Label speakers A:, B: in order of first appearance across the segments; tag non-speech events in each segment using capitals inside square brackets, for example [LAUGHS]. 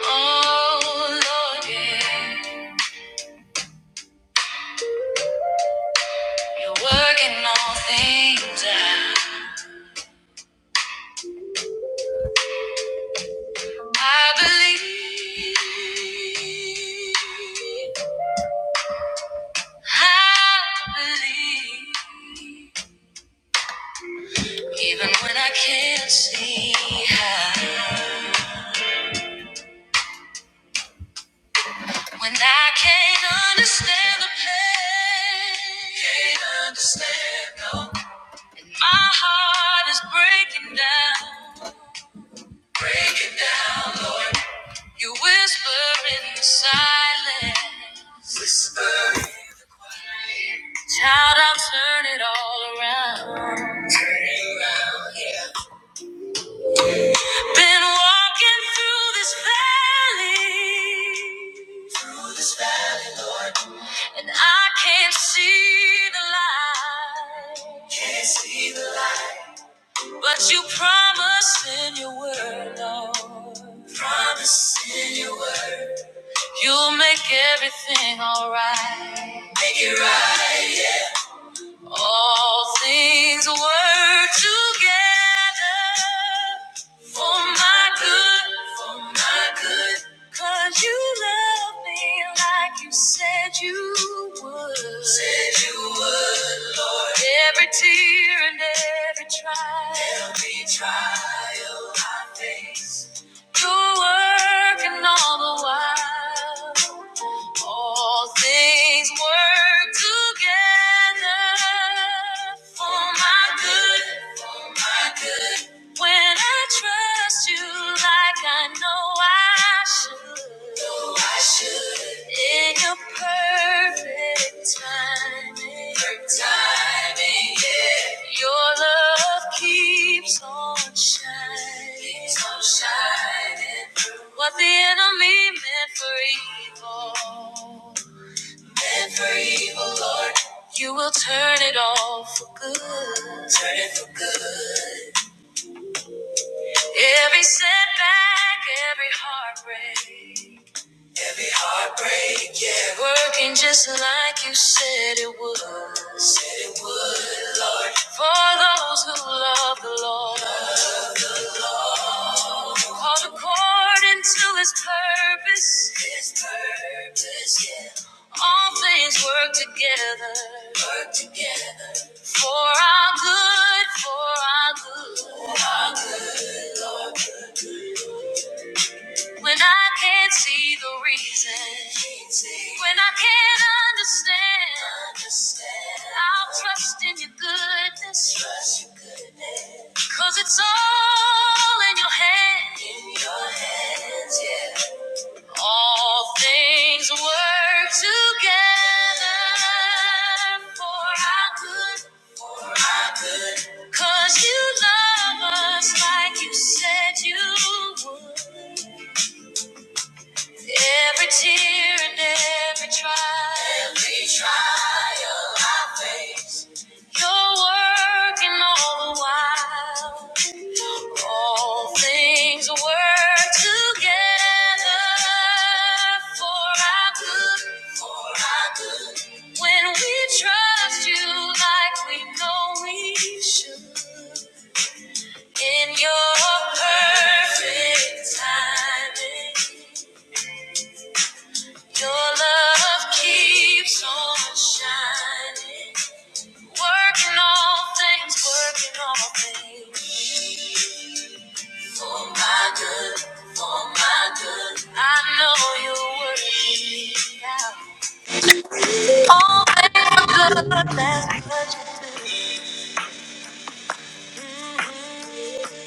A: Oh Lord, yeah, you're working all things out. I believe, I believe, even when I can't see how, when I can't understand the pain, can't understand no. My heart is breaking down. You whisper in the silence. Child, I'll turn it all around. Been walking through this valley, and I can't see the light. But you promised in your word, Lord. Promise in your word. You'll make everything alright. All things work together for my good, for my good, 'cause you love me like you said you would. Said you would, Lord. Every tear and every trial, every trial I face. You're working all the while. All things work together for my good. When I trust you like I know I should, know I should. in your perfect timing, perfect timing, yeah. your love keeps on shining, keeps on shining. What the enemy meant for evil, you will turn it all for good. Turn it for good. Every setback, every heartbreak, every heartbreak, yeah. Working just like you said it would. Said it. For those who love the Lord, called according to His purpose. His purpose, yeah. All things work together. Work together. For our good, for our good. for our When I can't see the reason, when I can't understand, I'll trust in your goodness. Cause it's all in your hands. All things work together for our good. Cause you love us like you said you would. Every tear and every trial, every trial I face, you're working all the while. All things work together for our good. for our good. When we trust you like we know we should, in your perfect timing. Your love keeps on shining, working all things, working all things for my good, for my good. I know you're working it out. All things for good, that's what you do. Mhm.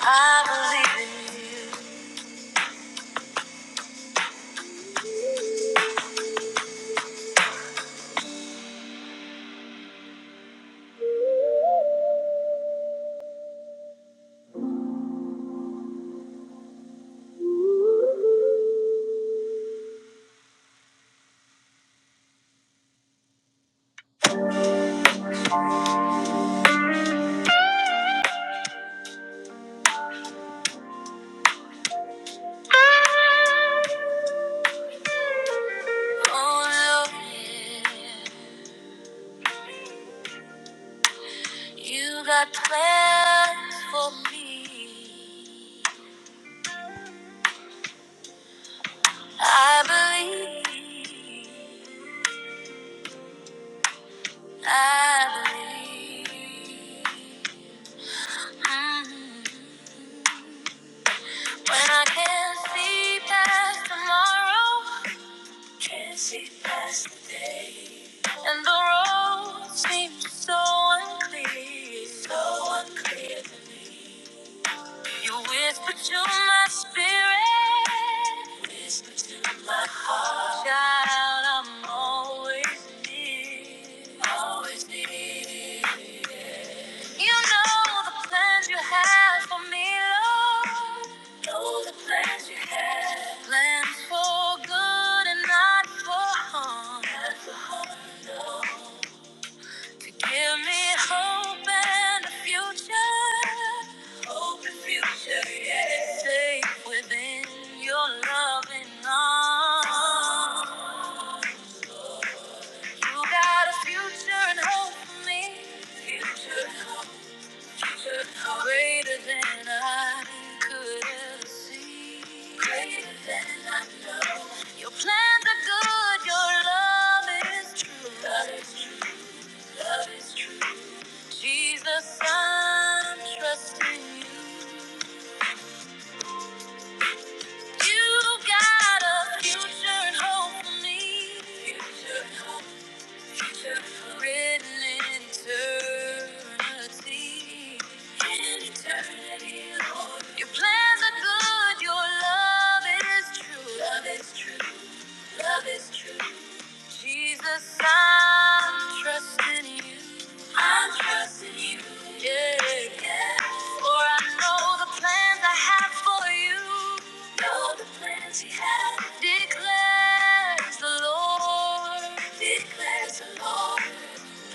A: I believe in you. Oh Lord, yeah. you got plans for me. I believe, I believe. Mm. When I can't see past tomorrow, can't see past today, and the road seems so unclear, so unclear. to me. You whisper to my spirit. Child, I'm always near. Always near. You know the plans you have for me, Lord. Know the plans you have. Plans for good and not for harm. To give me hope and a future. Hope and future, yeah. Safe within your loving arms. You got a future and hope for me. Future, future, greater than I could ever see. Greater than I know. Your plans are good, your love is true. Love is true, love is true. Jesus, I'm trusting you. You got a future and hope for me. Future, hope Written in eternity. In eternity, Lord. Your plans are good, your love is true. Love is true. Love is true. Jesus, I'm trusting you. I'm trusting you. Yeah. yeah. For I know the plans I have for you. Know the plans you have. Declares the Lord. Declares the Lord.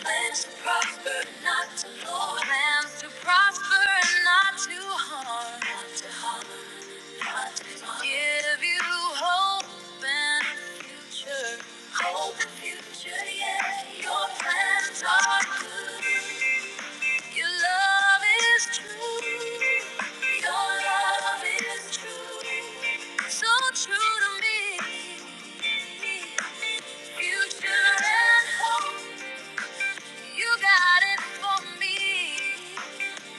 A: Plans to prosper, not to harm. Plans to prosper and not to harm. Not to harm, not to harm. Give you hope and a future. Hope and future, yeah. Your plans are good. Your love is true. Your love is true. So true to me. Future and hope. You got it for me.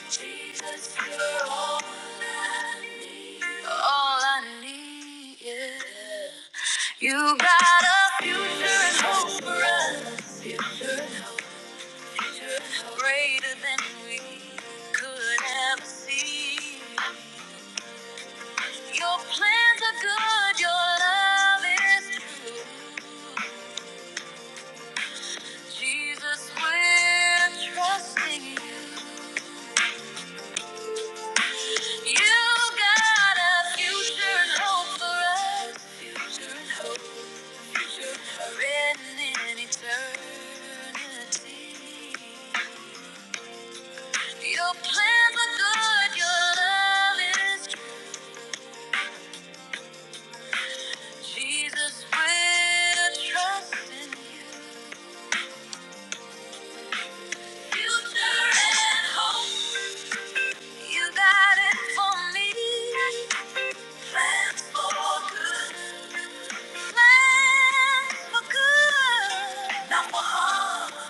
A: Jesus, you're all I need. All I need, yeah. You got a future and hope for us, greater than we could ever see. Your plans are good, your love is true. Jesus, we're trusting you. You got a future and hope for us. written in eternity. Your plans are good, your love is Jesus, we're trusting you. Future and hope, you got it for me. For good. for good, not for harm.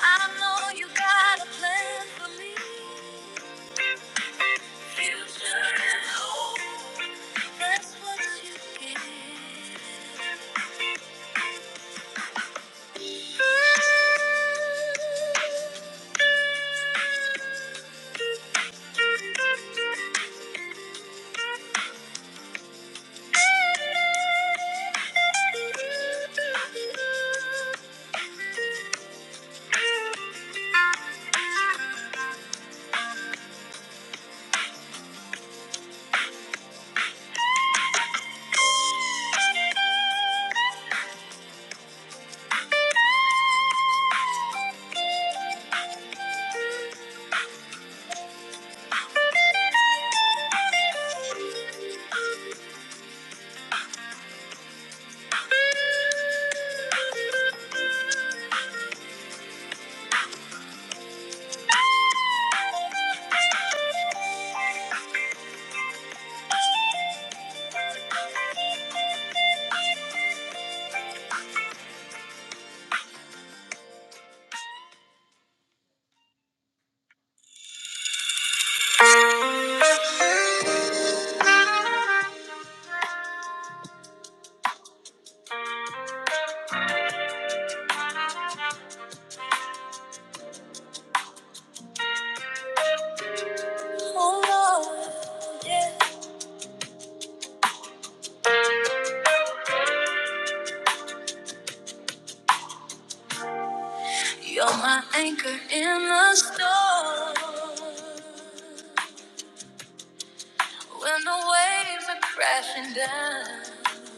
A: I know you got a plan for me. Future and hope. That's what you give. You're my anchor in the storm. When the waves are crashing down,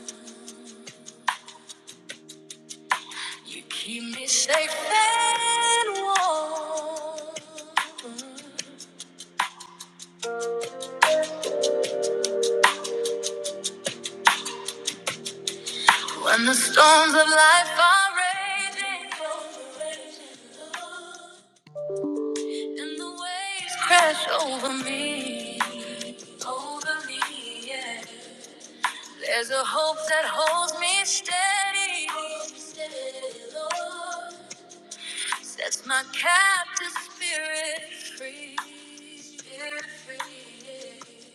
A: you keep me safe and warm. When the storms of life are raging, And the waves crash over me, over me, yeah. There's a hope that holds me steady, steady, Lord. Sets my captive spirit free, spirit free, yeah.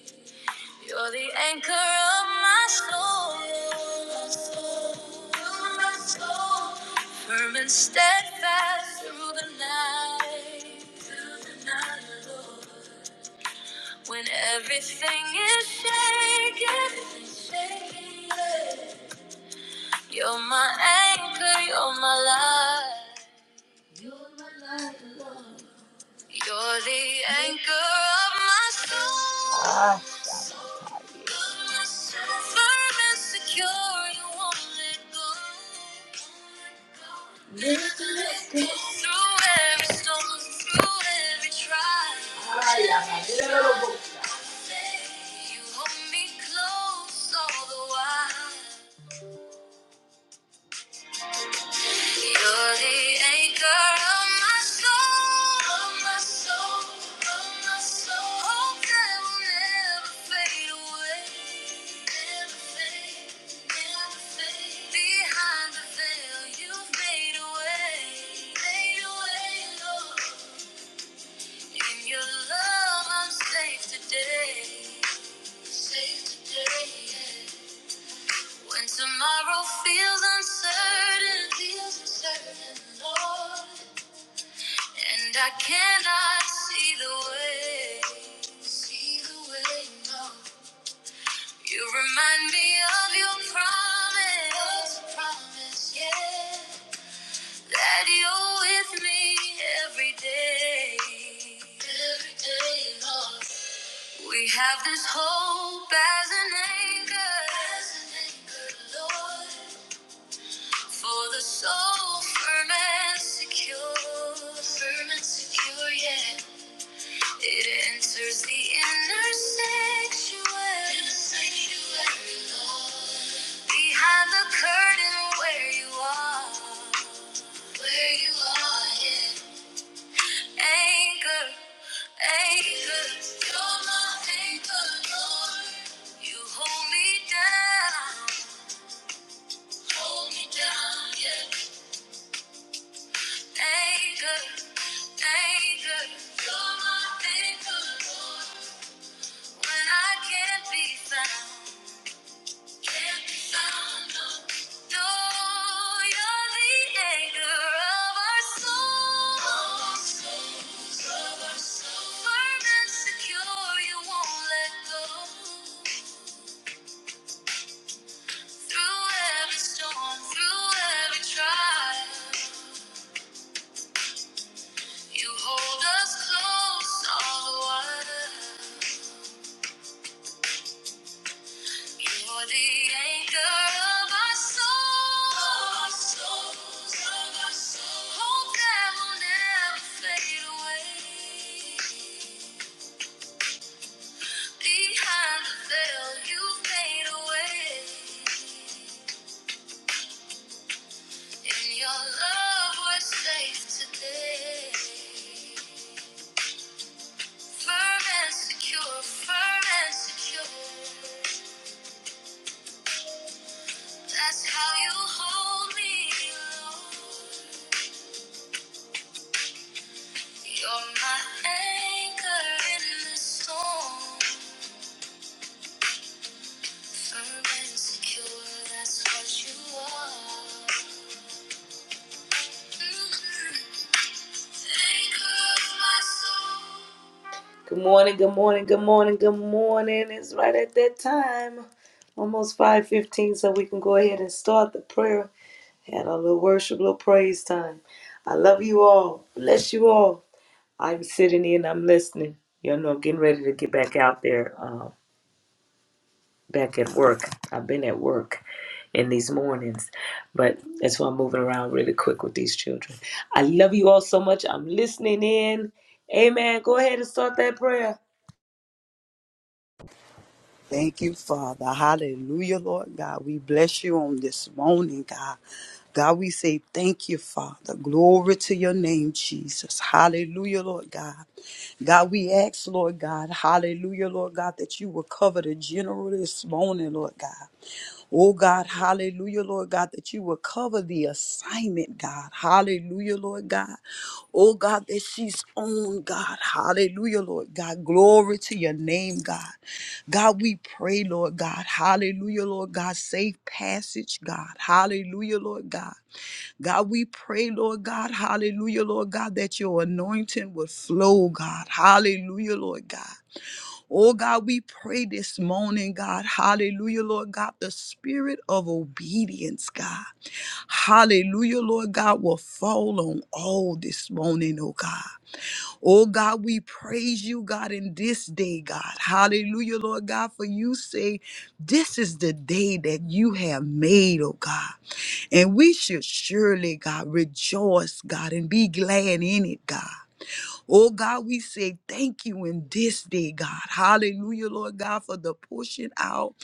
A: You're the anchor of my soul, my soul. my soul. Firm and steadfast through the night, through the night, Lord. When everything is shaking, shaking, you're my anchor, you're my life. You're my life, Lord. You're the anchor of my soul. Ah. You're so firm and secure, you won't let go. Never let go. Through every storm, through every trial. Ah, yeah, my little boy. You hold me close all the while. You're the anchor of my soul, of my soul, of my soul. Hope that will never fade away, Behind the veil, you've made In your love, I'm safe today, safe today. yeah. When tomorrow feels uncertain, feels uncertain, Lord, and I cannot see the way, see the way, no. You remind me of your promise, promise, yeah, that you're with me every day, every day, Lord. We have this hope as an anchor, as an anchor, Lord. For the soul firm and secure, firm and secure, yeah. It enters the inner sanctuary, sanctuary, Lord. Behind the curtain where you are, where you are, yeah. Anchor, anchor, you're my anchor, Lord. You hold me down, hold me down, yeah. Anchor. Through every storm, through every trial, you hold us close all the while. You're the anchor of our souls, of our souls. Hope that will never fade away. Behind the veil, you fade away. In your love, we're safe today. Firm and secure, firm and secure. That's how you hold me, Lord. You're my anchor in the storm. Firm and secure, that's what you are. Mhm. Anchor of my soul. Good morning, good morning, good morning, good morning. It's right at that time. Almost 5.15, so we can go ahead and start the prayer. Had a little worship, little praise time. I love you all. Bless you all. I'm sitting in, I'm listening. Y'all know I'm getting ready to get back out there. um, back at work. I've been at work in these mornings, but that's why I'm moving around really quick with these children. I love you all so much. I'm listening in. Amen. Go ahead and start that prayer.
B: Thank you, Father. Hallelujah, Lord God. We bless you on this morning, God. God, we say thank you, Father. Glory to your name, Jesus. Hallelujah, Lord God. God, we ask, Lord God, hallelujah, Lord God, that you will cover the general this morning, Lord God. Oh God, hallelujah, Lord God, that you will cover the assignment, God. Hallelujah, Lord God. Oh God, that she's on, God. Hallelujah, Lord God. Glory to your name, God. God, we pray, Lord God. Hallelujah, Lord God. Safe passage, God. Hallelujah, Lord God. God, we pray, Lord God. Hallelujah, Lord God, that your anointing would flow, God. Hallelujah, Lord God. Oh God, we pray this morning, God. Hallelujah, Lord God. The spirit of obedience, God. Hallelujah, Lord God, will fall on all this morning, oh God. Oh God, we praise you, God, in this day, God. Hallelujah, Lord God, for you say, This is the day that you have made, oh God. And we should surely, God, rejoice, God, and be glad in it, God. Oh God, we say thank you in this day, God. Hallelujah, Lord God, for the pushing out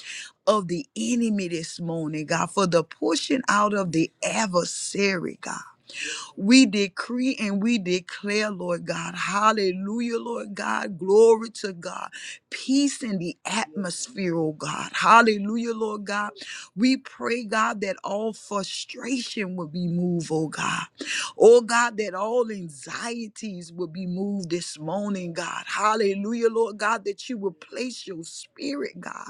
B: of the enemy this morning, God, for the pushing out of the adversary, God. We decree and we declare, Lord God, hallelujah, Lord God, glory to God, peace in the atmosphere, oh God, hallelujah, Lord God. We pray, God, that all frustration will be moved, oh God. Oh God, that all anxieties will be moved this morning, God. Hallelujah, Lord God, that you will place your spirit, God.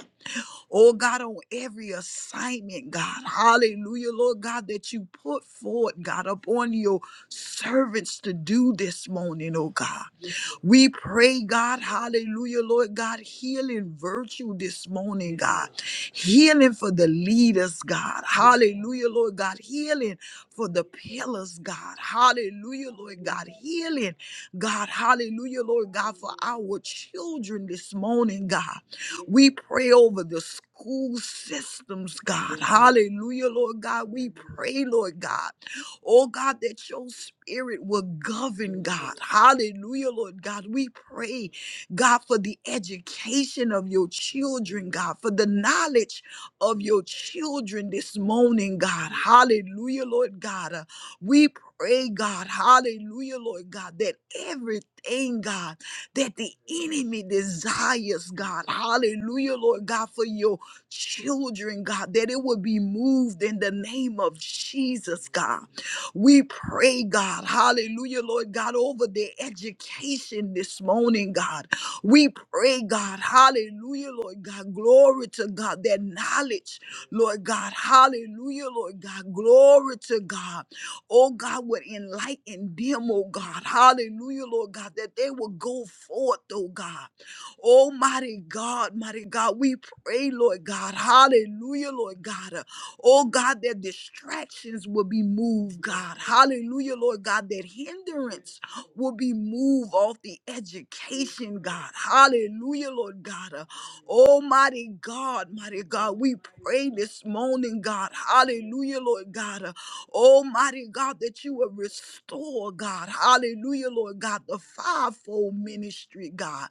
B: Oh God, on every assignment, God. Hallelujah, Lord God, that you put forward, God, upon your servants to do this morning, oh God. We pray, God, hallelujah, Lord God, healing virtue this morning, God. Healing for the leaders, God. Hallelujah, Lord God. Healing for the pillars, God. Hallelujah, Lord God. Healing, God. Hallelujah, Lord God, for our children this morning, God. We pray over the school systems, God. Hallelujah, Lord God. We pray, Lord God. Oh God, that your spirit will govern, God. Hallelujah, Lord God. We pray, God, for the education of your children, God, for the knowledge of your children this morning, God. Hallelujah, Lord God. Uh, we pray, God, hallelujah, Lord God, that everything, God, that the enemy desires, God, hallelujah, Lord God, for your children, God, that it will be moved in the name of Jesus, God. We pray, God, hallelujah, Lord God, over their education this morning, God. We pray, God, hallelujah, Lord God, glory to God, their knowledge, Lord God, hallelujah, Lord God, glory to God. Oh God, would enlighten them, oh God, hallelujah, Lord God, that they will go forth, oh God. Almighty God, mighty God, we pray, Lord God, hallelujah, Lord God. Oh God, their distractions will be moved, God. Hallelujah, Lord God, that hindrance will be moved off the education, God. Hallelujah, Lord God. Uh, Almighty God, mighty God, we pray this morning, God. Hallelujah, Lord God. Uh, Almighty God, that you will restore, God. Hallelujah, Lord God, the fivefold ministry, God.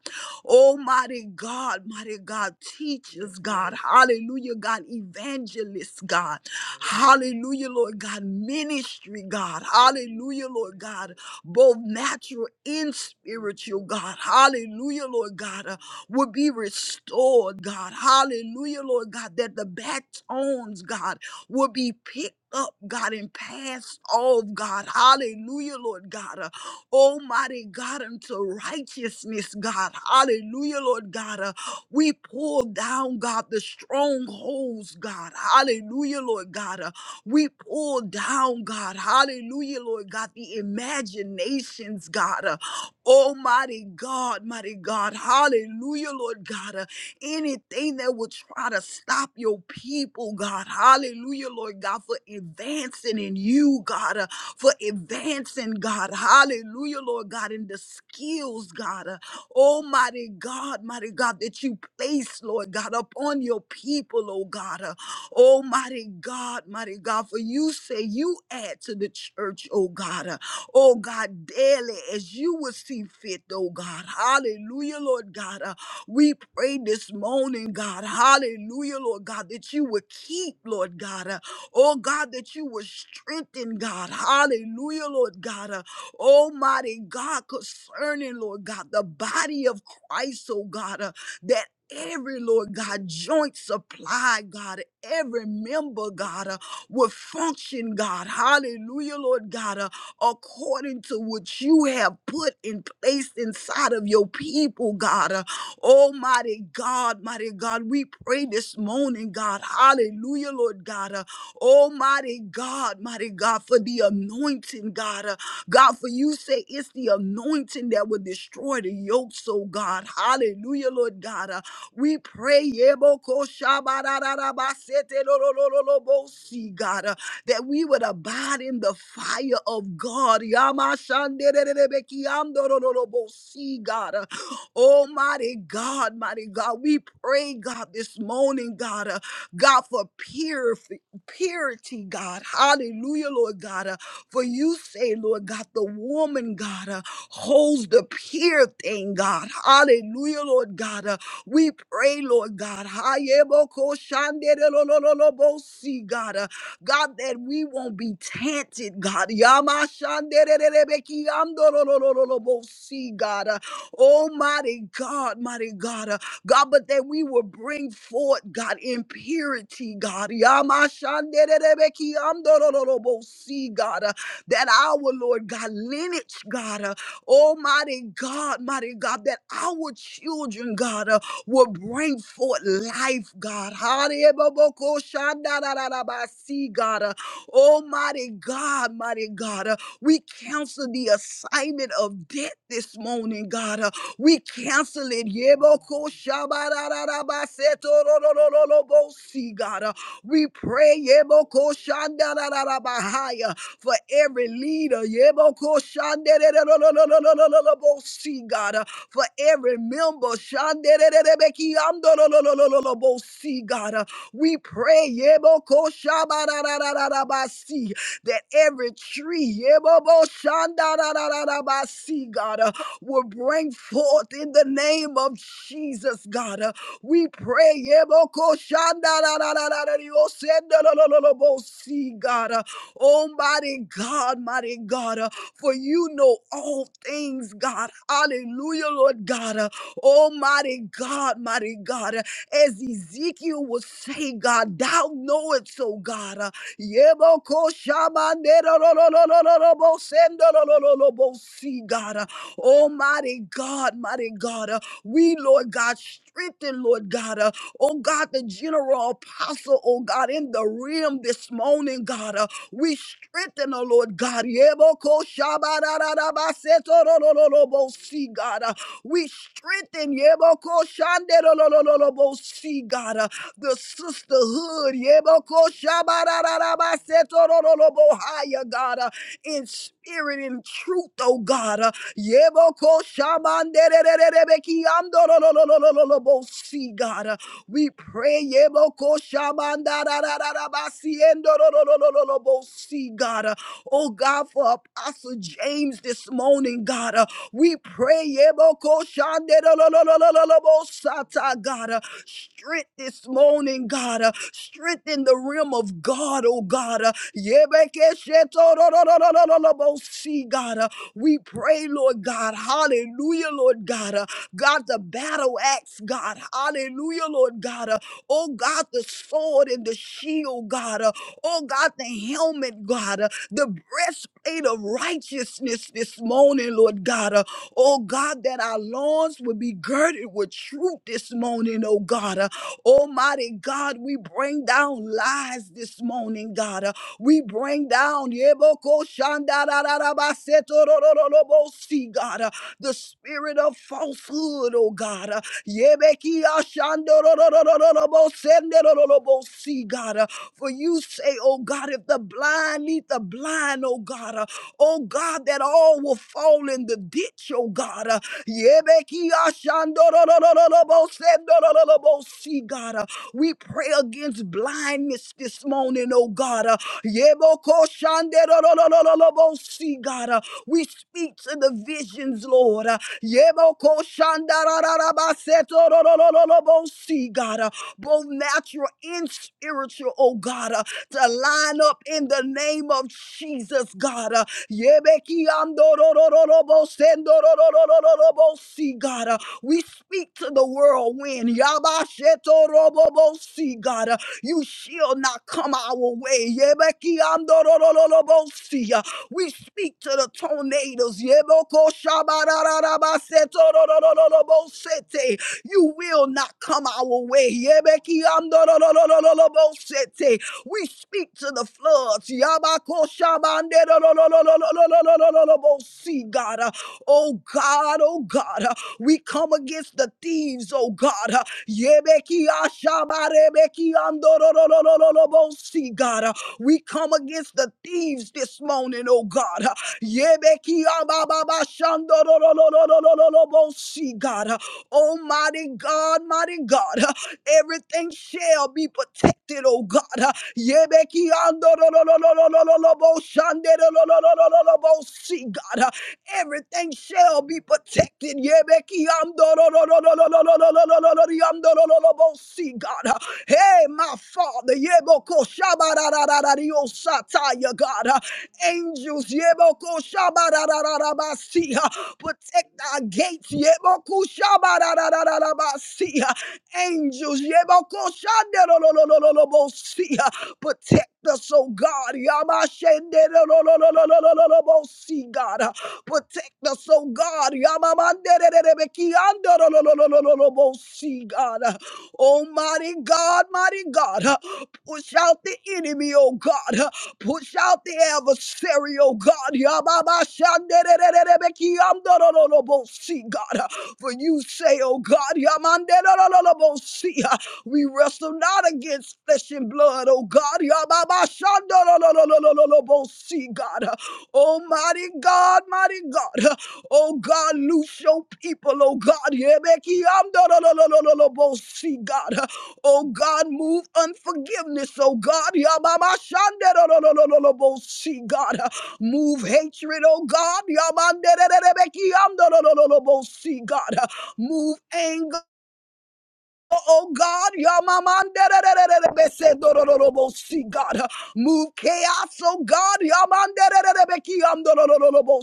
B: Oh, mighty God, mighty God, teachers, God, hallelujah, God, evangelists, God, hallelujah, Lord God, ministry, God, hallelujah, Lord God, both natural and spiritual, God, hallelujah, Lord God, uh, would be restored, God, hallelujah, Lord God, that the batons, God, would be picked. Up, God, and passed off, God. Hallelujah, Lord God. uh, Almighty God, unto righteousness, God. Hallelujah, Lord God. Uh, we pull down, God, the strongholds, God. Hallelujah, Lord God. Uh, we pull down, God. Hallelujah, Lord God, the imaginations, God. Uh, Almighty God, mighty God. Hallelujah, Lord God. Uh, anything that would try to stop your people, God. Hallelujah, Lord God, for advancing in you, God. Uh, for advancing, God. Hallelujah, Lord God, in the skills, God. Uh, Almighty God, mighty God, that you place, Lord God, upon your people, oh God. Uh, Almighty God, mighty God, for you say you add to the church, oh God. Uh, Oh God, daily as you will see fit, oh God. Hallelujah, Lord God. Uh, we pray this morning, God. Hallelujah, Lord God, that you would keep, Lord God. Oh God, that you were strengthened, God. Hallelujah, Lord God. Uh, Almighty God, concerning, Lord God, the body of Christ, oh God, uh, that every, Lord God, joint supply, God, every member, God, uh, will function, God. Hallelujah, Lord God, uh, according to what you have put in place inside of your people, God. Uh, Almighty God, mighty God, we pray this morning, God. Hallelujah, Lord God. Uh, Oh, mighty God, mighty God, for the anointing, God. Uh, God, for you say it's the anointing that will destroy the yokes, oh God. Hallelujah, Lord God. Uh, we pray, yeboko shabarararabasete lololololobosi, God, uh, that we would abide in the fire of God. Yamashandererebekiandorololobosi, God. Uh, Almighty God, mighty God, we pray, God, this morning, God, uh, God, for purification purity, God. Hallelujah, Lord God. Uh, for you say, Lord God, the woman, God, uh, holds the pure thing, God. Hallelujah, Lord God. Uh, we pray, Lord God. Hayebokoshanderelololobosi, God, uh, God, that we won't be tainted, God. Yamashandererebekiandololololobosi, God. Uh, Almighty God, mighty God. uh, God, but that we will bring forth, God, in purity, God. Yamashanderebeki andorororobosi, God, uh, that our Lord God lineage, God, uh, Almighty God, mighty God, that our children, God, uh, will bring forth life, God. Harebobokoshandarararabasi, God, uh, Almighty God, mighty God, uh, we cancel the assignment of death this morning, God. uh, we cancel it. Yeboko shabararabasetororororobosi, God. Uh, We pray yeboko shandarararabahaya, for every leader. Yeboko shandarararororororobosi, God. Uh, For every member. shandarararebekiamdororororobosi, God. Uh, We pray yeboko shabararararabasi, that every tree yebobo shandarararabasi, God. Uh, will bring forth in the name of Jesus, God. Uh, We pray, see, God. Uh, Oh, mighty God, mighty God, uh, for you know all things, God. Hallelujah, Lord God. Uh, Almighty God, mighty God, uh, as Ezekiel was say, God, thou knowest, so, God. uh, Yebokoshamanderororororobosendorororobosi, God. Uh, Almighty God, mighty God, uh, we, Lord God, strengthen, Lord God, uh, oh God, the general apostle, oh God, in the realm this morning, God, uh, we strengthen, oh Lord God, Yeboko shabadadadabasetorololobosi, God, uh, we strengthen, Yeboko shanderolololobosi, God, uh, the sisterhood, Yeboko shabadadadabasetorololobohaya, God, uh, in spirit and truth, oh God. uh, Yeboko shamandererebeki andorolololololobo. See, God, uh, we pray. Yeboko shamandarararabasi endorololololobo. See, God, uh, oh God, for Apostle James this morning, God, uh, we pray. Yeboko shanderolololololobo sata, God, uh, strength this morning, God, uh, strength in the realm of God, oh God, uh, yebeke shetorololololobo. See, God, uh, we pray, Lord God. Hallelujah, Lord God. Uh, God, the battle axe, God. Hallelujah, Lord God. Uh, oh, God, the sword and the shield, God. Uh, Oh God, the helmet, God, uh, the breastplate of righteousness this morning, Lord God. uh, Oh God, that our lawns would be girded with truth this morning, oh God. uh, Almighty God, we bring down lies this morning, God. uh, We bring down Yeboko shandarararabasetorororobosi, God, uh, the spirit of falsehood, oh God. uh, Yebeki ashandororororobosenderorobosi, God. uh, for you say, oh God, if the blind lead the blind, oh God, uh, oh God, that all will fall in the ditch, oh God. uh, Yebekiyashandororororobosendorororobosi, God, uh, we pray against blindness this morning, oh God. uh, Yebokoshanderororororobosi, God, uh, we speak to the visions, Lord. uh, Yebokoshandarararabasetororororobosi, God, uh, both natural and spiritual, oh God, uh, to line up in the name of Jesus, God. Uh, Yebekiandorororobosendororororobosi, God, uh, we speak to the whirlwind. Yabashetorobobosi, God, uh, you shall not come our way. Yebekiandororororobosi, uh, we speak to the tornadoes. Yebokoshabarararabasetororororobosete. You will not come our way. Yebekiandorororororobosete. We speak to the floods. Yabakoshabanderorororororororobosi, God. Oh God, oh God. We come against the thieves, oh God. Yebekiashabarebekiandorororororobosi, God. We come against the thieves this morning, oh God. Yebekiabababashandororororororobosi, God. Almighty God, mighty God, uh, everything shall be protected, oh God. uh, Yebeki ando lo lo lo lo lo lo lo lo bo shande lo lo lo lo lo lo lo bo see God. uh, Everything shall be protected. Yebeki ando lo lo lo lo lo lo lo lo lo lo lo lo yando lo lo lo bo see God. uh, Hey, my Father, yeboko shabarararario sataya God. uh, Angels, yeboko shabarararabasi. Protect our gates. Yebokushabararararabasi. Angels. Yebokushanderolololololobosi. Protect us, oh God. Yamashenderololololololobosi, God. Protect us, oh God. Yamamandererebekiandorolololololobosi, God. Almighty God, mighty God. Push out the enemy, oh God. Uh, Push out the adversary, oh God. Yababashandererererebekiamdorororobosi, God. Uh, For you say, oh God, yamanderorororobosi, uh, we wrestle not against flesh and blood, oh God. Yababashanderererebekiamdorororobosi, See, God. Almighty God, mighty God. Oh God, loose your people, oh God. See, God. Oh God, move unforgiveness, oh God. See, God. Move hatred, oh God. See, God. Move anger. Oh God, Yamamandere God, move chaos, oh God, Yaman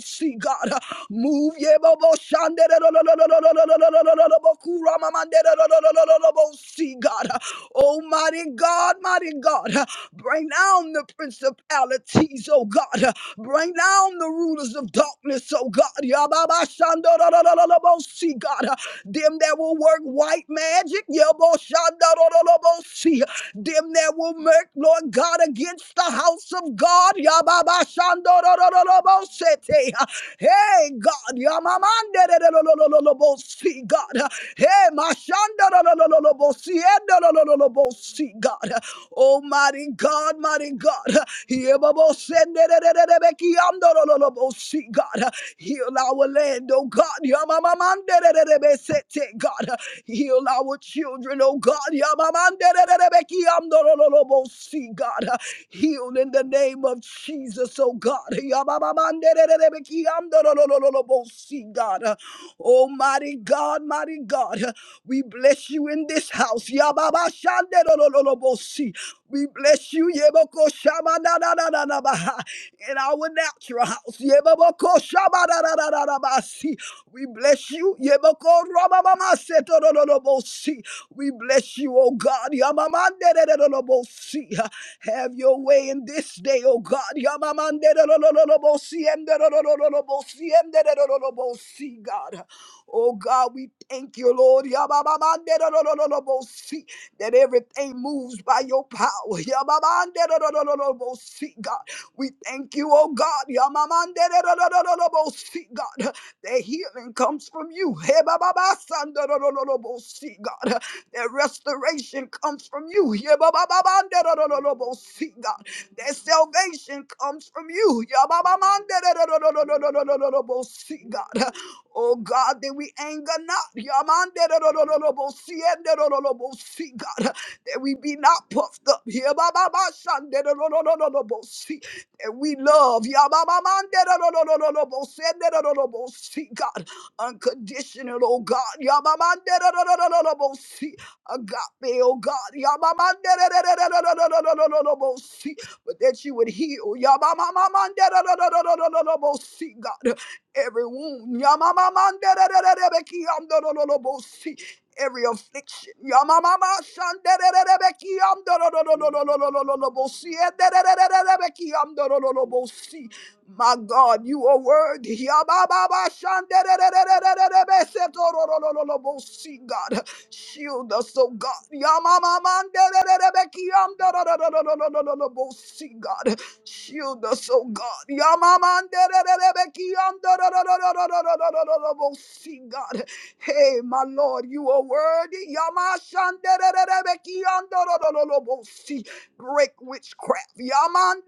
B: see God. Move ye bobo shande ro ro ro ro ro ro ro ro ro ro ro ro bo kura mamande ro ro ro ro ro ro ro bo see God. Oh mighty God, mighty God, bring down the principalities, oh God. Bring down the rulers of darkness, oh God. Yababa shando ro ro ro ro ro bo see God. Them that will work white magic, yeah, Yababashandorolobosi. Them that will make, Lord God, against the house of God. Yababashandorororobosete. Hey, God. Yamamandererorororobosi, God. Hey, Mashandororororobosi, Endororororobosi, God. Almighty God, mighty God. God. Heal our land, oh God. Yamamamandererebesete, God. Heal our children, oh God. Yamamamandererebekiamdorolobosi, God. Heal in the name of Jesus, oh God. Yamamamandererebekiamdorolobosi, God. Almighty God, mighty God. We bless you in this house. Yababashanderololobosi. We bless you, Yeboko Shamananananabaha, in our natural house. Yeboko Shamananananabasi. We bless you, Yeboko Ramamamasetorolobosi. We bless you, O God. Yamamanderelolobosi. Have your way in this day, O God. Yamamanderelolobosi, enderelololobosi, enderelololobosi, God. Oh God, we thank you, Lord. Yabamamanderelololobosi that everything moves by your power. [LAUGHS] Yamamandedodododobosee, God. We thank you, oh God. Yamamandedodododobosee, God. [LAUGHS] That healing comes from you. [LAUGHS] Hebababasandodododobosee, God. That restoration comes from you. [LAUGHS] Hebababandedodododobosee, God. That salvation comes from you. Yamamandedodododobosee, God. [LAUGHS] Oh God, that we anger not. don't don't don't don't don't don't don't don't Yamanderorororobosiyendorororobosi, God, that we be not puffed up. Here, Yabababashanderororororobosi, That we love. don't don't don't don't don't Yababamanderororororobosiyendorororobosi, God, unconditional, oh God. don't don't don't don't don't Yabamanderororororobosi, Agape, oh God. don't don't don't don't don't Yabamanderororororobosi, But that you would heal. don't don't don't don't don't Yabamamamanderororororobosi, God every wound. Yamamamanderererebekiamdorororobosi. Every affliction. Yamamamashanderererebekiamdorororororororobosi. Edererererebekiamdorororobosi. My God, you are worthy. Yamamamashandererererebesetororororobosi, God, shield us, oh God. Yamamamanderererebekiamdororororororobosi, God. Shield us, oh God. Yamamanderererebekiandorororororororororororo. See, God. Hey, my Lord, you are worthy. Yamashanderererebekiandorororororororo. See, Break witchcraft. Yamanderererebekiandororororororororororo.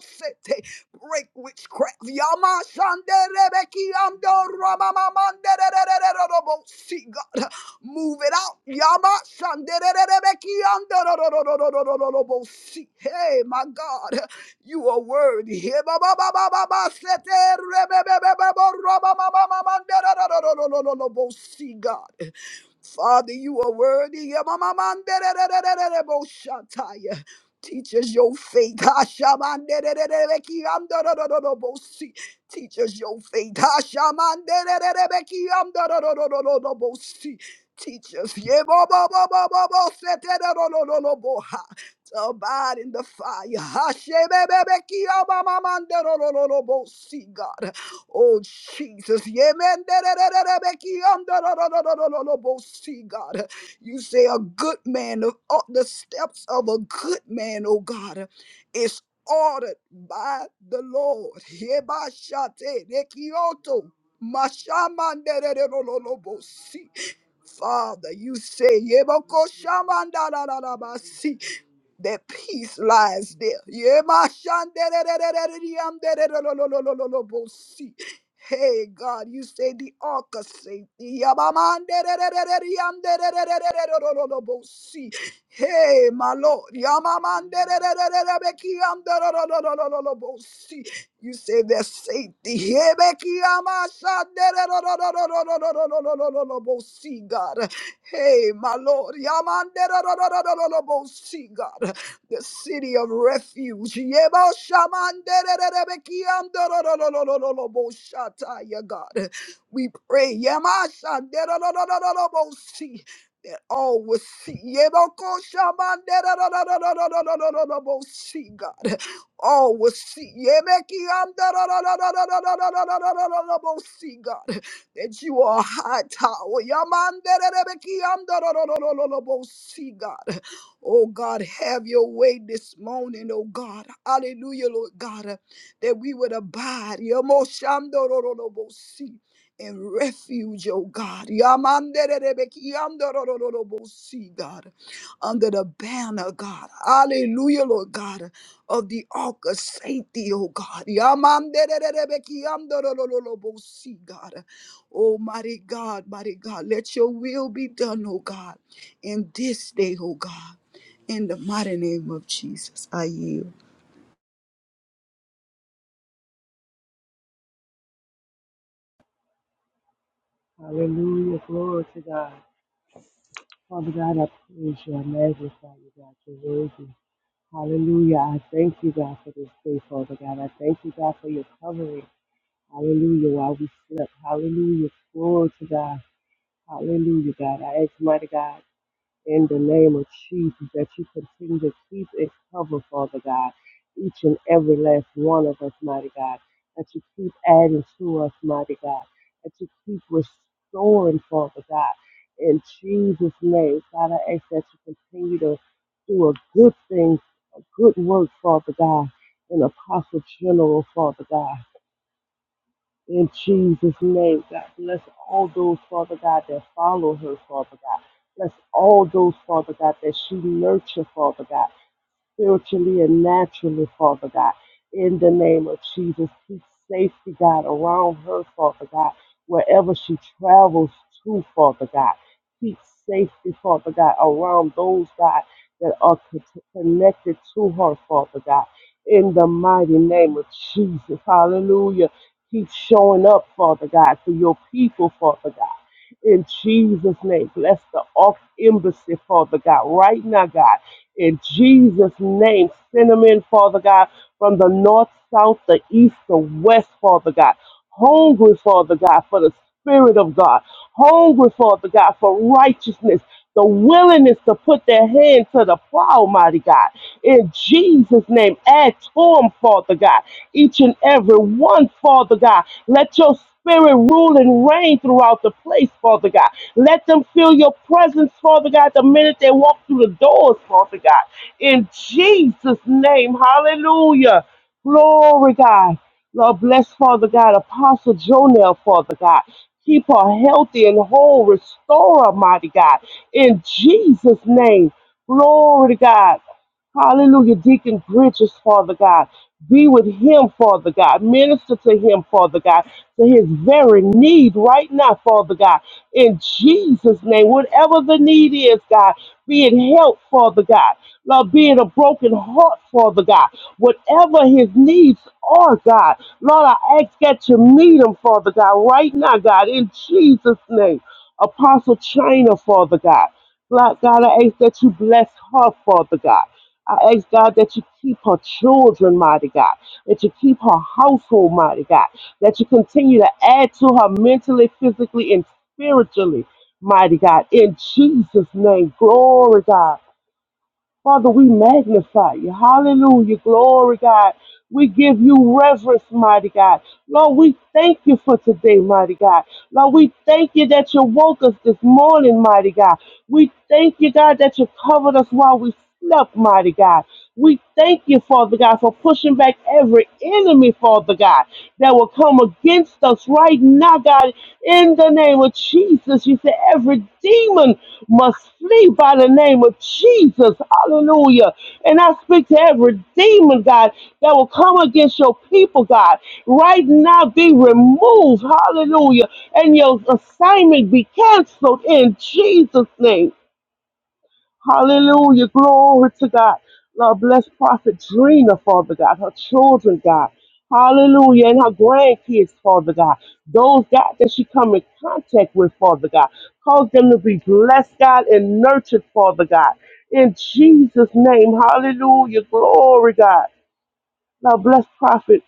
B: Sete. Break witchcraft. Yamashanderererebekiandororororororororo. See, God. Move it out. Yama shandererebekiandorororororororobosi. Hey, my God, you are worthy. Hey, ba- ba- ba- ba- ba- ba- seterebebebebeborobabababamanderororororororobosi, God. Father, you are worthy. My man, most shatta. Teachers your faith. Hashem, man, beki, I'm the most. Teachers your faith. Hashem, man, beki, I'm the most. Teachers, ye bo bo bo bo bo bo, set the ro lo lo lo lo. To burn in the fire. Hashem, beki, I'm my man, the ro lo lo lo. Most see God. Oh, Jesus. Yemen, See, God. You say a good man, of of the steps of a good man, oh God, is ordered by the Lord. Yebashate rekioto, mashamandererololobosi. Father, you say, Yebokoshamandararabasi, that peace lies there. Yemashandererererererererololololobosi. the city of refuge. Yebo shamanderererebekiamdororororororoboshatai, yeah, God, we pray. Yemashanderorororororobosi, That all will see. Yeboko shamanderorororororororobosi, God. All will see. Yebekiamdororororororororobosi, God. That you are a high tower. Yamandererebekiamdororororororobosi, God Oh God, have your way this morning, oh God. Hallelujah, Lord God, uh, that we would abide. Yamoshandorororobosi, In refuge, oh God. Yamandererebeki, yamdorororobosi, God. Under the banner, God. Hallelujah, Lord God, of the ark of safety, oh God. Yamandererebeki, yamdorororobosi, God. Almighty God, mighty God, let your will be done, oh God, in this day, oh God. In the mighty name of Jesus, I yield.
C: Hallelujah. Glory to God. Father God, I praise you. I magnify you, God. You're worthy. Hallelujah. I thank you, God, for this day, Father God. I thank you, God, for your covering. Hallelujah. While we slept. Hallelujah. Glory to God. Hallelujah, God. I ask, mighty God in the name of Jesus, that you continue to keep and cover, Father God, each and every last one of us, mighty God, that you keep adding to us, mighty God, that you keep restoring, Father God, in Jesus' name. God, I ask that you continue to do a good thing, a good work, Father God, in Apostle General, Father God. In Jesus' name, God, bless all those, Father God, that follow her, Father God. Bless all those, Father God, that she nurture, Father God spiritually and naturally, Father God. In the name of Jesus, keep safety, God, around her, Father God, wherever she travels to, Father God. Keep safety, Father God, around those, God, that are con- connected to her, Father God. In the mighty name of Jesus, hallelujah. Keep showing up, Father God, for your people, Father God. In Jesus' name, bless the off embassy, Father God, right now, God in Jesus' name, send them in, Father God, from the north, south, the east, the west, Father God. Hungry, Father God, for the Spirit of God. Hungry, Father God, for righteousness. The willingness to put their hand to the plow, mighty God. In Jesus' name, add to them, Father God each and every one, Father God. Let your spirit rule and reign throughout the place, Father God. Let them feel your presence, Father God, the minute they walk through the doors, Father God. In Jesus' name, hallelujah. Glory, God. Lord, bless, Father God, Apostle Jonel, Father God. Keep her healthy and whole. Restore her, mighty God. In Jesus' name. Glory to God. Hallelujah. Deacon Bridges, Father God. Be with him, Father God. Minister to him, Father God, to his very need right now, Father God. In Jesus' name, whatever the need is, God, be it help, Father God. Lord, be it a broken heart, Father God. Whatever his needs are, God. Lord, I ask that you meet him, Father God, right now, God, in Jesus' name. Apostle China, Father God. Lord God, I ask that you bless her, Father God. I ask God that you keep her children, mighty God, that you keep her household, mighty God, that you continue to add to her mentally, physically, and spiritually, mighty God. In Jesus' name, glory, God. Father, we magnify you. Hallelujah. Glory, God. We give you reverence, mighty God. Lord, we thank you for today, mighty God. Lord, we thank you that you woke us this morning, mighty God. We thank you, God, that you covered us while we slept, mighty God. We thank you, Father God, for pushing back every enemy, Father God, that will come against us right now, God, in the name of Jesus. You said every demon must must flee by the name of Jesus. Hallelujah. And I speak to every demon, God, that will come against your people, God. Right now, be removed. Hallelujah. And your assignment be canceled in Jesus' name. Hallelujah. Glory to God. Lord, bless Prophet Drina, Father God, her children, God. Hallelujah. And her grandkids, Father God. Those, God, that she come in contact with, Father God. Cause them to be blessed, God, and nurtured, Father God. In Jesus' name. Hallelujah. Glory, God. Lord, bless Prophet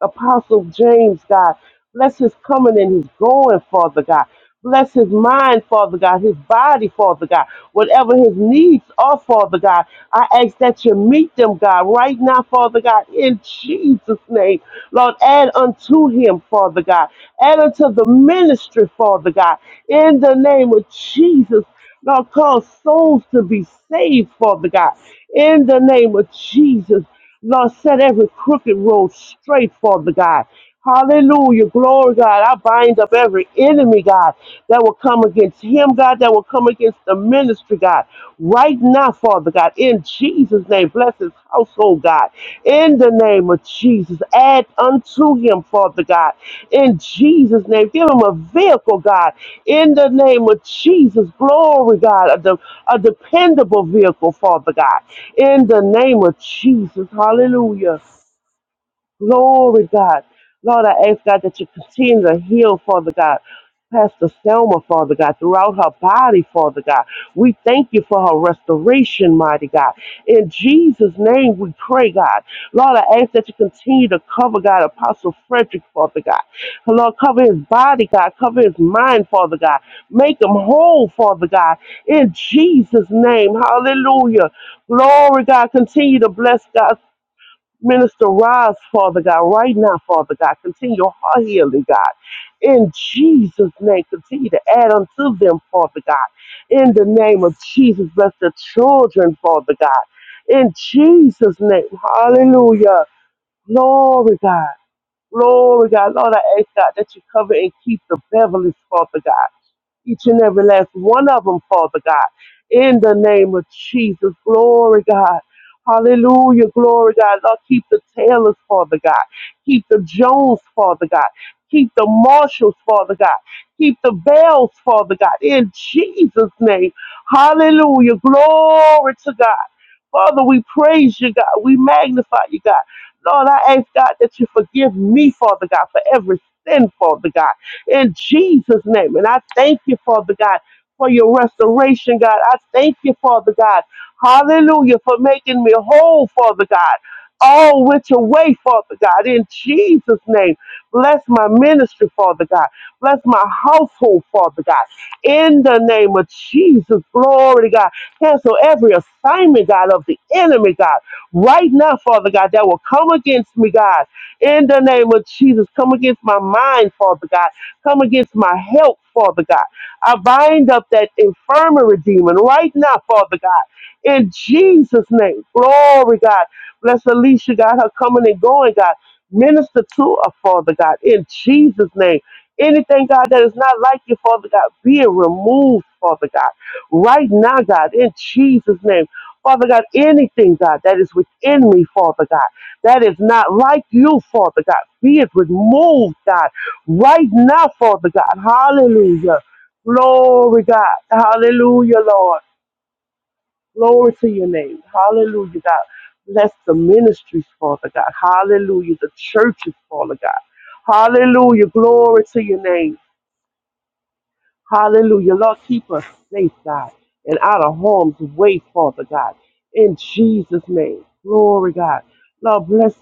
C: Apostle James, God. Bless his coming and his going, Father God. Bless his mind, Father God, his body, Father God. Whatever his needs are, Father God, I ask that you meet them, God, right now, Father God, in Jesus' name. Lord, add unto him, Father God. Add unto the ministry, Father God, in the name of Jesus. Lord, cause souls to be saved, Father God, in the name of Jesus. Lord, set every crooked road straight, Father God. Hallelujah. Glory, God. I bind up every enemy, God, that will come against him, God, that will come against the ministry, God. Right now, Father God, in Jesus' name, bless his household, God in the name of Jesus. Add unto him, Father God, in Jesus' name. Give him a vehicle, God, in the name of Jesus. Glory, God, a, de- a dependable vehicle, Father God, in the name of Jesus. Hallelujah. Glory, God. Lord, I ask, God, that you continue to heal, Father God. Pastor Selma, Father God, throughout her body, Father God. We thank you for her restoration, mighty God. In Jesus' name we pray, God. Lord, I ask that you continue to cover, God, Apostle Frederick, Father God. Lord, cover his body, God. Cover his mind, Father God. Make him whole, Father God. In Jesus' name, hallelujah. Glory, God. Continue to bless God. Minister Roz, Father God, right now, Father God, continue her healing, God. In Jesus' name, continue to add unto them, Father God. In the name of Jesus, bless the children, Father God. In Jesus' name, hallelujah. Glory, God. Glory, God. Lord, I ask, God, that you cover and keep the Beverly's, Father God each and every last one of them, Father God. In the name of Jesus, glory God. Hallelujah, glory God. Lord, keep the Taylors, Father God. Keep the Jones, Father God. Keep the Marshalls, Father God. Keep the Bells, Father God. In Jesus' name, hallelujah, glory to God. Father, we praise you, God. We magnify you, God. Lord, I ask God that you forgive me, Father God, for every sin, Father God in Jesus' name. And I thank you, Father God, for your restoration, God. I thank you, Father God. Hallelujah, for making me whole, Father God. All which away, Father God, in Jesus' name. Bless my ministry, Father God. Bless my household, Father God. In the name of Jesus, glory to God. Cancel every assignment, God, of the enemy, God. Right now, Father God, that will come against me, God. In the name of Jesus, come against my mind, Father God. Come against my health, Father God. I bind up that infirmary demon right now, Father God. In Jesus' name. Glory, God. Bless Alicia, God, her coming and going, God. Minister to her, Father God. In Jesus' name. Anything, God, that is not like you, Father God, being removed, Father God. Right now, God, in Jesus' name. Father God, anything, God, that is within me, Father God, that is not like you, Father God, be it removed, God right now, Father God. Hallelujah. Glory, God. Hallelujah, Lord. Glory to your name. Hallelujah, God. Bless the ministries, Father God. Hallelujah. The churches, Father God. Hallelujah. Glory to your name. Hallelujah. Lord, keep us safe, God, and out of harm's way, Father God. In Jesus' name. Glory, God. Lord, bless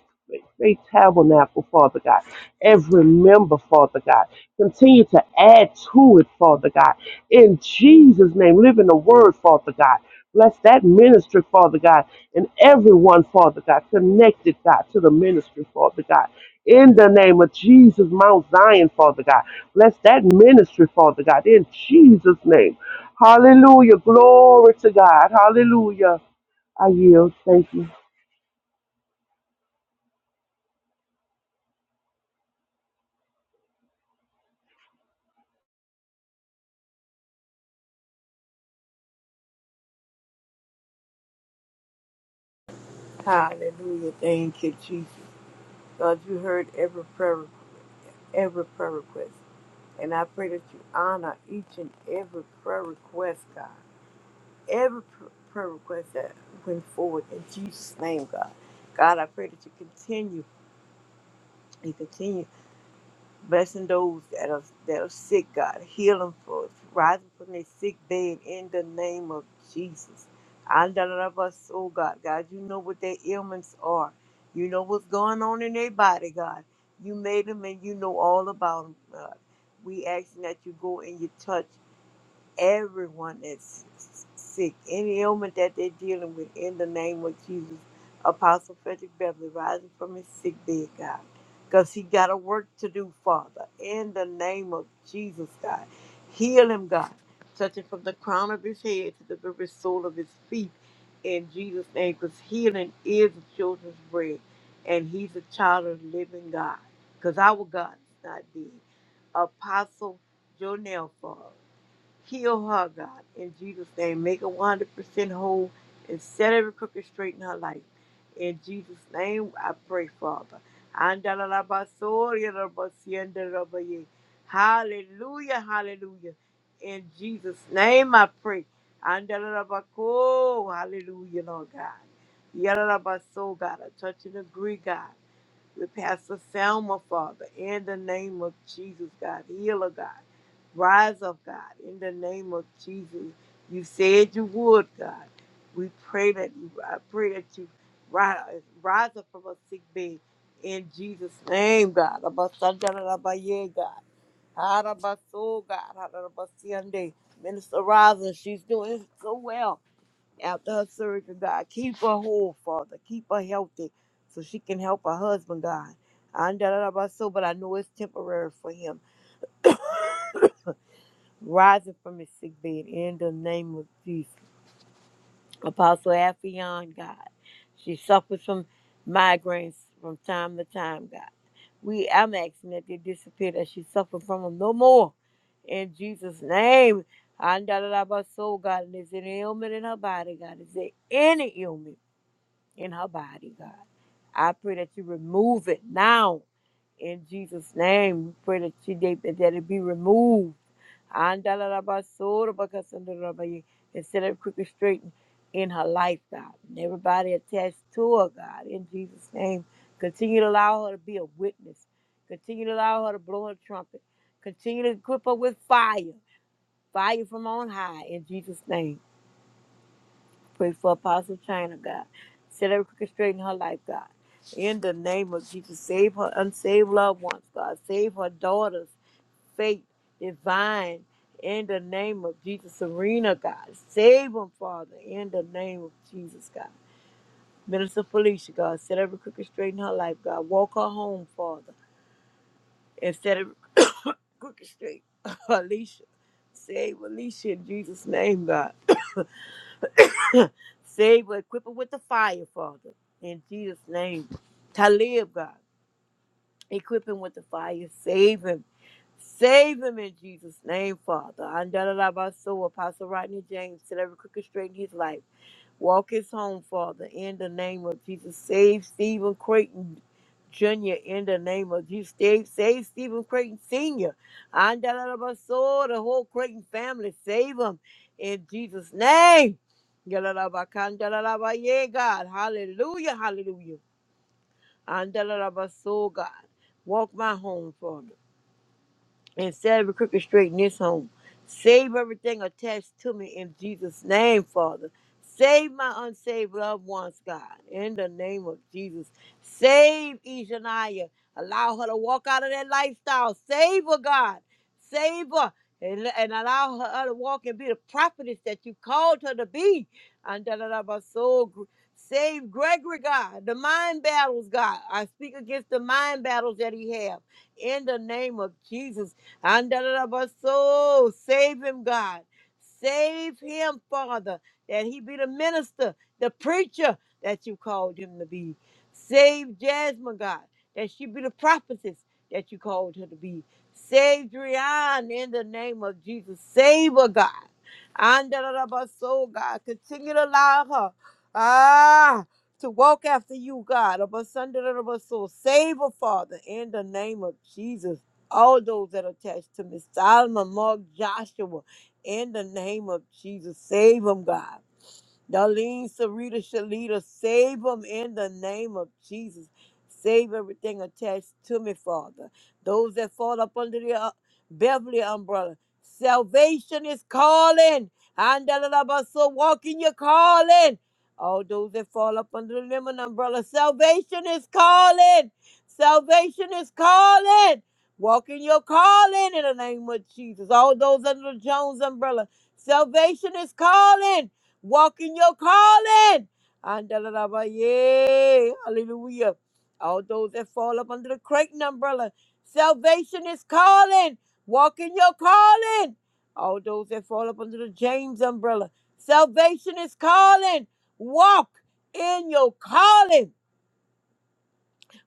C: Faith Tabernacle, Father God. Every member, Father God. Continue to add to it, Father God. In Jesus' name. Live in the word, Father God. Bless that ministry, Father God, and everyone, Father God, connected, God, to the ministry, Father God. In the name of Jesus, Mount Zion, Father God. Bless that ministry, Father God, in Jesus' name. Hallelujah. Glory to God. Hallelujah. I yield. Thank you.
D: Hallelujah. Thank you, Jesus. God, you heard every prayer, every prayer request. And I pray that you honor each and every prayer request, God. Every pr- prayer request that went forward in Jesus' name, God. God, I pray that you continue and continue. Blessing those that are that are sick, God. Heal them for rising from their sick bed in the name of Jesus. And the love us, oh God. God, you know what their ailments are. You know what's going on in their body, God. You made them and you know all about them, God. We asking that you go and you touch everyone that's sick, any ailment that they're dealing with, in the name of Jesus. Apostle Frederick Beverly rising from his sick bed, God, because he got a work to do, Father, in the name of Jesus, God. Heal him, God, touching from the crown of his head to the very sole of his feet, in Jesus' name, because healing is the children's bread, and he's a child of the living God, because our God is not dead. Apostle Jonell, Father. Heal her, God, in Jesus' name. Make her 100% whole and set every crooked straight in her life. In Jesus' name, I pray, Father. Andalabasorialabasiandalabaye. Hallelujah, hallelujah. In Jesus' name, I pray. Andalabako, Hallelujah, Lord God. Yalalabaso, God. I touch and agree, God with Pastor Selma, Father, in the name of Jesus, God, healer, God, rise up, God, in the name of Jesus. You said you would, God. We pray that you, I pray that you rise, rise up from a sick bed in Jesus' name, God. Abasandarabaye, God. Harabaso, God. Harabasiande. Minister Rosin, she's doing so well after her surgery, God. Keep her whole, Father. Keep her healthy so she can help her husband, God. I don't know about so, but I know it's temporary for him. Rising from his sick bed in the name of Jesus. Apostle Affion, God. She suffers from migraines from time to time, God. We I'm asking that they disappear, that she suffer from them no more. In Jesus' name. I don't know about so, God. And is there any ailment in her body, God? Is there any ailment? in her body, God. I pray that you remove it now in Jesus' name. We pray that you that, that it be removed. Andalalabasorabakasandarabaya, And set it quick and in her life, God. And everybody attached to her, God, in Jesus' name. Continue to allow her to be a witness. Continue to allow her to blow her trumpet. Continue to equip her with fire. Fire from on high in Jesus' name. Pray for Apostle China, God. Set everything straight in her life, God. In the name of Jesus, save her unsaved loved ones, God. Save her daughters, faith, divine. In the name of Jesus, Serena, God. Save them, Father. In the name of Jesus, God. Minister Felicia, God. Set every crooked straight in her life, God. Walk her home, Father. And set every [COUGHS] crooked straight. [COUGHS] Alicia. Save Alicia in Jesus' name, God. Save her, equip her with the fire, Father. In Jesus' name. Talib, God. Equip him with the fire. Save him. Save him in Jesus' name, Father. And da da so Apostle Rodney James said every crooked straight in his life. Walk his home, Father, in the name of Jesus. Save Stephen Creighton Jr. in the name of Jesus. Save, save Stephen Creighton Sr. And so the whole Creighton family, save them in Jesus' name. Yalalabakandalaba, Yeah, God. Hallelujah. Hallelujah. And so God. Walk my home, Father and set every crooked straight in this home. Save everything attached to me in Jesus' name, Father. Save my unsaved loved ones, God, in the name of Jesus. Save Ishaniah. Allow her to walk out of that lifestyle. Save her, God. Save her. And, and allow her her to walk and be the prophetess that you called her to be. And da da da ba so gr- Save Gregory, God. The mind battles, God. I speak against the mind battles that he have in the name of Jesus. Andarabaso, save him, God. Save him, Father, that he be the minister, the preacher that you called him to be. Save Jasmine, God, that she be the prophetess that you called her to be. Save Drian in the name of Jesus. Save her, God. Andarabaso, God, continue to allow her. Ah. To walk after you, God, of under the soul. Save her, Father, in the name of Jesus all those that are attached to me. Solomon, Mark, Joshua, in the name of Jesus, save them, God. Darlene, Sarita, Shalita, save them in the name of Jesus. Save everything attached to me, Father. Those that fall up under the uh, Beverly umbrella. Salvation is calling. Andalabaso, walk in your calling. All those that fall up under the lemon umbrella. Salvation is calling. Salvation is calling. Walk in your calling in the name of Jesus. All those under the Jones umbrella. Salvation is calling. Walk in your calling. Andalalabaye. Hallelujah. All those that fall up under the Creighton umbrella, salvation is calling. Walk in your calling. All those that fall up under the James umbrella, salvation is calling. Walk in your calling.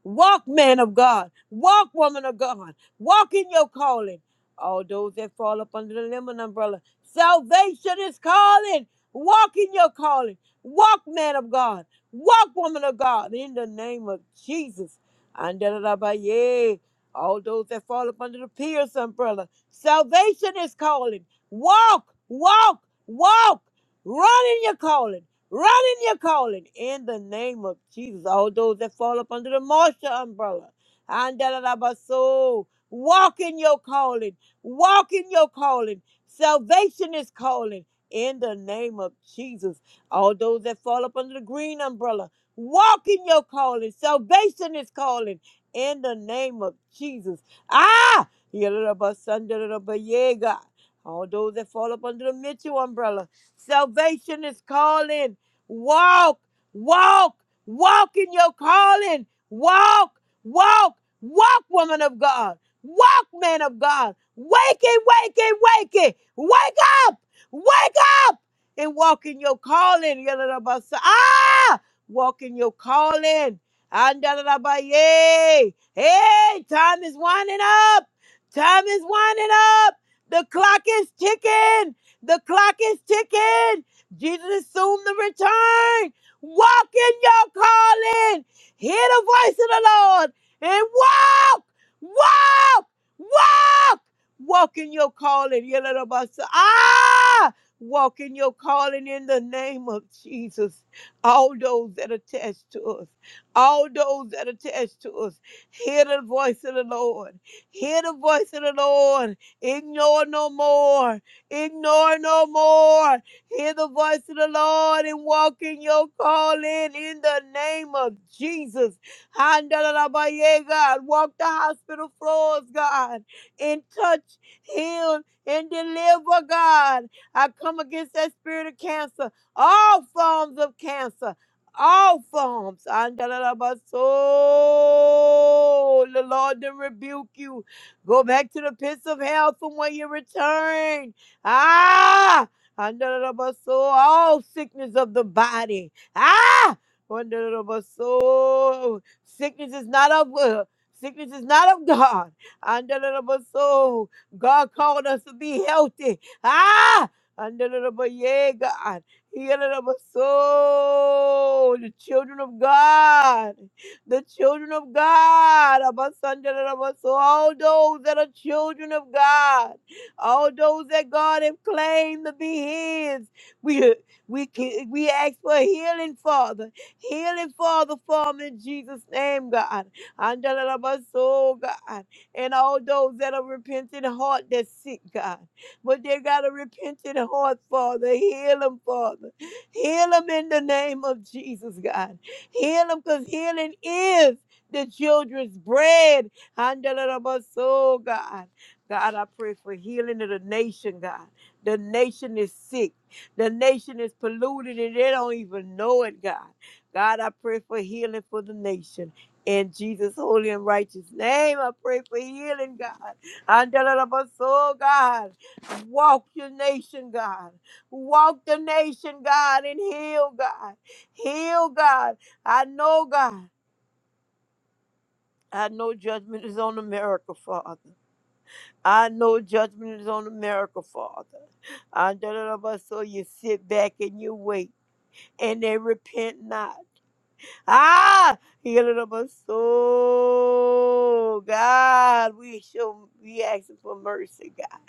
D: Walk, man of God. Walk, woman of God. Walk in your calling. All those that fall up under the lemon umbrella. Salvation is calling. Walk in your calling. Walk, man of God. Walk, woman of God. In the name of Jesus. Andalabaye. All those that fall up under the Pierce umbrella. Salvation is calling. Walk, walk, walk. Run in your calling. Run in your calling in the name of Jesus. All those that fall up under the Marsha umbrella. Andalabaso. Walk in your calling. Walk in your calling. Salvation is calling in the name of Jesus. All those that fall up under the green umbrella. Walk in your calling. Salvation is calling in the name of Jesus. Ah! Yalabasandalabayega. All those that fall up under the Mitchell umbrella. Salvation is calling. Walk, walk, walk in your calling. Walk, walk, walk, woman of God. Walk, man of God. Wake it, wake it, wake it. Wake up, wake up and walk in your calling. Yalalabasa- Ah, walk in your calling. Andalalabaye. Hey, time is winding up. Time is winding up. The clock is ticking. The clock is ticking. Jesus is soon to return. Walk in your calling. Hear the voice of the Lord and walk, walk, walk, walk in your calling. Yelalabasa. Ah, walk in your calling in the name of Jesus. All those that attach to us, all those that attach to us, hear the voice of the Lord. Hear the voice of the Lord. Ignore no more. Ignore no more. Hear the voice of the Lord and walk in your calling in the name of Jesus. Handalalabaye, God. Walk the hospital floors, God, and touch, heal, and deliver, God. I come against that spirit of cancer, all forms of cancer. All forms. Andalalabaso. The Lord to rebuke you. Go back to the pits of hell from where you returned. Ah! Andarabaso, all sickness of the body. Ah! Andarabaso, sickness is not of uh, sickness is not of God. Andarabaso, God called us to be healthy. Ah! Andarabaye, God. Yandarabaso, the children of God. The children of God. Abasandarabaso, All those that are children of God all those that God have claimed to be His. We we can- we ask for healing, Father, healing, Father, for 'em in Jesus' name, God. And our soul, God, and all those that are repentant heart that's sick, God, but they got a repentant heart, Father. Heal them, Father. Heal them in the name of Jesus, God. Heal them, cause healing is the children's bread. Handle it up our soul, God. God, I pray for healing of the nation, God. The nation is sick. The nation is polluted and they don't even know it, God. God, I pray for healing for the nation. In Jesus' holy and righteous name, I pray for healing, God. Andalabas, oh God. Walk your nation, God. Walk the nation, God, and heal, God. Heal, God. I know, God. I know judgment is on America, Father. I know judgment is on America, Father. I don't know about so you sit back and you wait, and they repent not. Ah, you know about so God, we show we asking for mercy, God.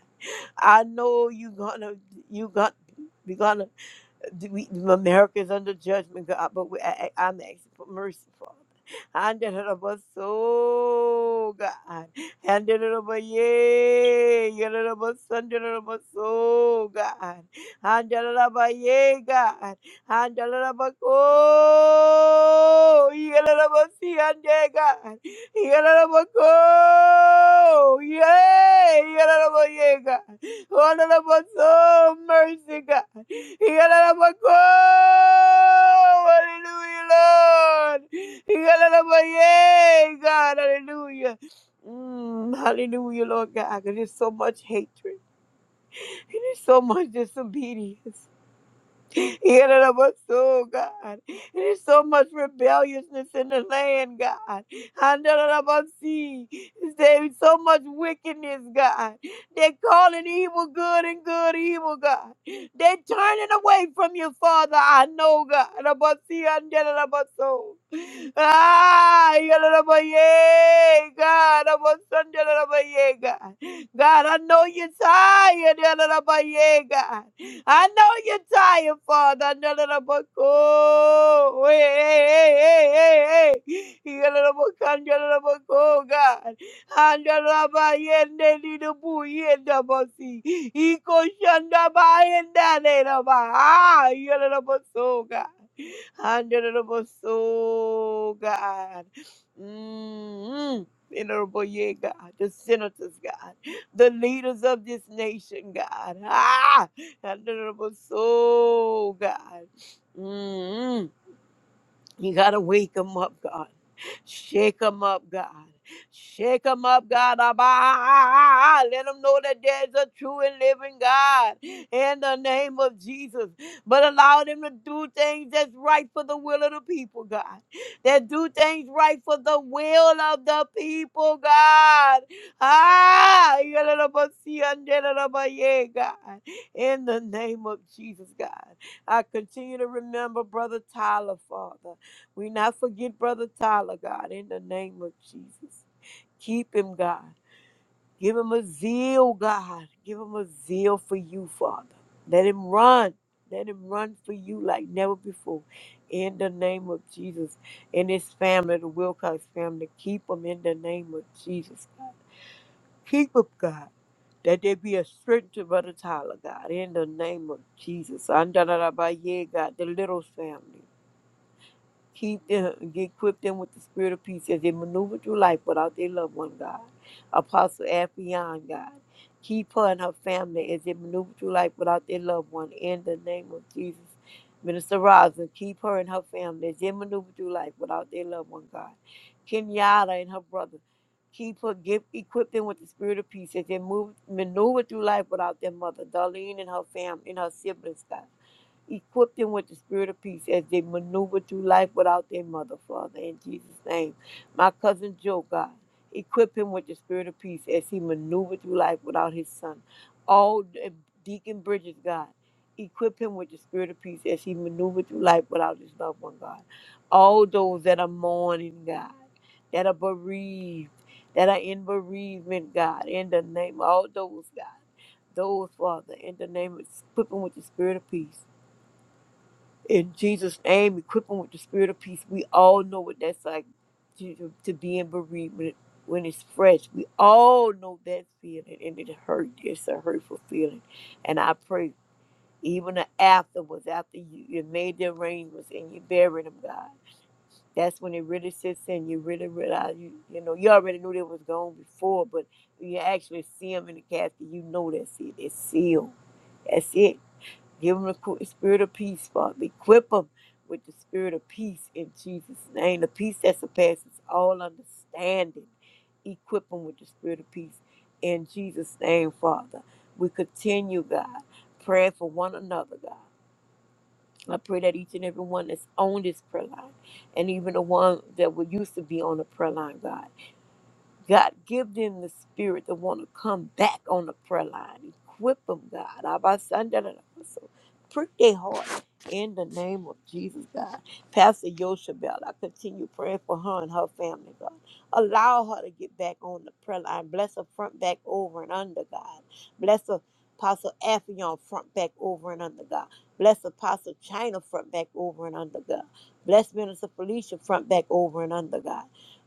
D: I know you gonna you got we gonna. Do we, America is under judgment, God, but we, I, I- I'm asking for mercy, Father. Under the bus, oh God. Under the bus, yeah. Under the bus, under the bus, oh God. Under the bus, yeah, God. Under the bus, oh. Under the bus, yeah, God. Under the bus, oh. Yeah. Under the bus, yeah, God. Oh, mercy, God. Hallelujah, Lord. Hallelujah, God. Hallelujah. Mm, hallelujah, Lord God. There's so much hatred. There's so much disobedience. [LAUGHS] Oh God. And There's so much rebelliousness in the land, God. Handarabasi. There's so much wickedness, God. They're calling evil good and good evil, God. They're turning away from you, Father. I know, God. Rabasi, handarabaso. Ah, yalalabaye, God, I'm a son, yalalabaye, God. God, I know you're tired, yalalabaye, God. I know you're tired, Father. yalalabako. Hey, hey, hey, hey, hey. Yalalabakan, yalalabako, God. Andalabaye, nelidubuye, dabasi. Iko shandabaye, ndanelaba. Ah, yalalabaso, God. Honorable soul, God. Mm. Honorable, yeah, God, the senators, God, the leaders of this nation, God. Ah, honorable soul, God. Mm. You got to wake them up, God. Shake them up, God. Shake them up, God. Abba. Let them know that there's a true and living God in the name of Jesus. But allow them to do things that's right for the will of the people, God. That do things right for the will of the people, God. Ah, yalalabasia, God. In the name of Jesus, God. I continue to remember Brother Tyler, Father. We not forget Brother Tyler, God, in the name of Jesus. Keep him, God. Give him a zeal, God. Give him a zeal for you, Father. Let him run. Let him run for you like never before. In the name of Jesus. And his family, the Wilcox family, keep them in the name of Jesus, God. Keep them, God. That there be a strength to Brother Tyler, God, in the name of Jesus. Andalarabaye, God, the little family. Keep them, get equip them with the spirit of peace as they maneuver through life without their loved one, God. Apostle Affion, God. Keep her and her family as they maneuver through life without their loved one. In the name of Jesus. Minister Rosin, keep her and her family as they maneuver through life without their loved one, God. Kenyatta and her brother. Keep her, give, equip them with the spirit of peace as they move, maneuver through life without their mother, Darlene and her family and her siblings, God. Equip them with the spirit of peace as they maneuver through life without their mother, Father, in Jesus' name. My cousin Joe, God, equip him with the spirit of peace as he maneuvered through life without his son. All and Deacon Bridges, God, equip him with the spirit of peace as he maneuvered through life without his loved one, God. All those that are mourning, God, that are bereaved, that are in bereavement, God, in the name of all those, God, those, Father, in the name of equip them with the spirit of peace in Jesus' name, equip them with the spirit of peace. We all know what that's like to, to, to be in bereavement when it- when it's fresh. We all know that feeling, and it hurt. It's a hurtful feeling. And I pray, even the afterwards, after you, you made the arrangements and you buried them, God, that's when it really sits in. You really realize, you, you know, you already knew they was gone before, but when you actually see them in the casket, you know that's it. It's sealed. That's it. Give them the spirit of peace, Father. Equip them with the spirit of peace in Jesus' name, the peace that surpasses all understanding. Equip them with the spirit of peace in Jesus' name, Father. We continue, God, praying for one another, God. I pray that each and every one that's on this prayer line, and even the one that would used to be on the prayer line, God. God, give them the spirit to want to come back on the prayer line. Equip them, God. Abasandalabasa. Prick their heart in the name of Jesus, God. Pastor Yoshabel, I continue praying for her and her family, God. Allow her to get back on the prayer line. Bless her front, back, over, and under, God. Bless her. Apostle Affion front back over and under God. Bless Apostle China front back over and under God. Bless Minister Felicia front back over and under God.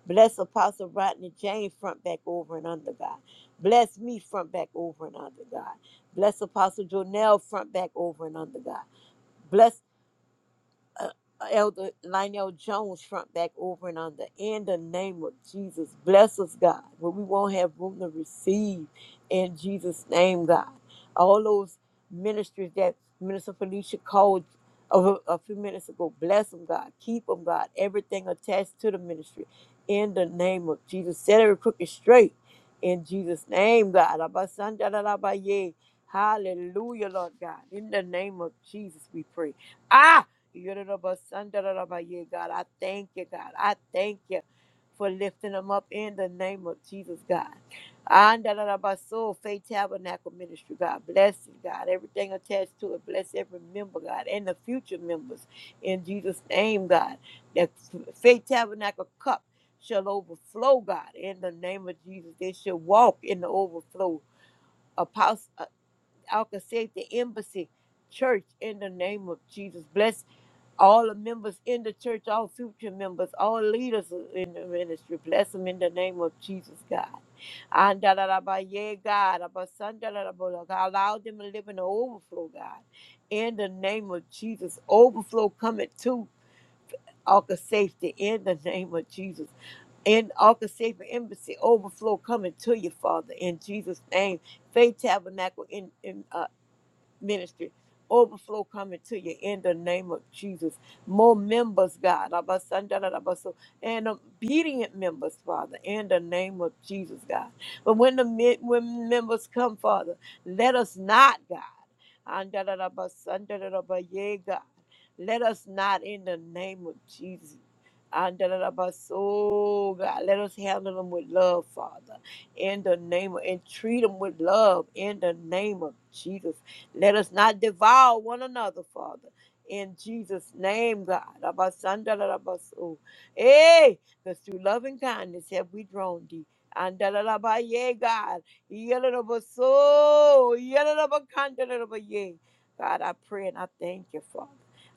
D: Bless Apostle Rodney James front back over and under God. Bless me front back over and under God. Bless Apostle Jonell front back over and under God. Bless uh, Elder Lionel Jones front back over and under. In the name of Jesus, bless us, God, where we won't have room to receive in Jesus' name, God. All those ministries that Minister Felicia called a, a few minutes ago, bless them, God. Keep them, God. Everything attached to the ministry. In the name of Jesus, set every crooked straight. In Jesus' name, God. Abasandalabaye. Hallelujah, Lord God. In the name of Jesus, we pray. Ah! Yoruba-sandarabaye, God, I thank you, God. I thank you for lifting them up in the name of Jesus, God. Andarabaso, Faith Tabernacle Ministry, God. Bless it, God. Everything attached to it. Bless every member, God, and the future members. In Jesus' name, God. That Faith Tabernacle cup shall overflow, God. In the name of Jesus, they shall walk in the overflow. Apostle. Alka the Embassy Church in the name of Jesus. Bless all the members in the church, all future members, all leaders in the ministry. Bless them in the name of Jesus, God. And da da da ba ye, God. Abba son, da da da ba la, God. Allow them to live in the overflow, God. In the name of Jesus. Overflow coming to Alka Safety in the name of Jesus in Arca Safety Embassy overflow coming to you, Father, in Jesus' name. Faith Tabernacle in in, uh, ministry. Overflow coming to you in the name of Jesus. More members, God. Abasandarabaso, And obedient members, Father, in the name of Jesus, God. But when the men- when members come, Father, let us not, God. Andarabasandarabaye, God. Let us not in the name of Jesus. Andalabaso, God, let us handle them with love, Father, in the name of, and treat them with love in the name of Jesus. Let us not devour one another, Father. In Jesus' name, God. Abasandalabasu. Hey, because through loving kindness have we drawn thee. Andalalabaye, God. Yalalabaso. Yalalabakandalalabaye. God, I pray and I thank you, Father.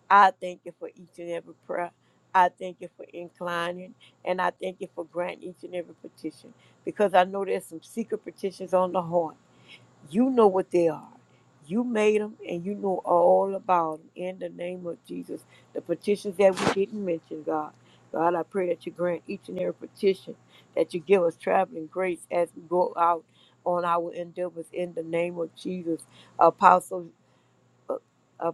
D: I thank you for each and every prayer. I thank you for inclining and I thank you for granting each and every petition because I know there's some secret petitions on the heart. You know what they are. You made them and you know all about them. In the name of Jesus, the petitions that we didn't mention, God. God, I pray that you grant each and every petition, that you give us traveling grace as we go out on our endeavors in the name of Jesus. Apostle, uh,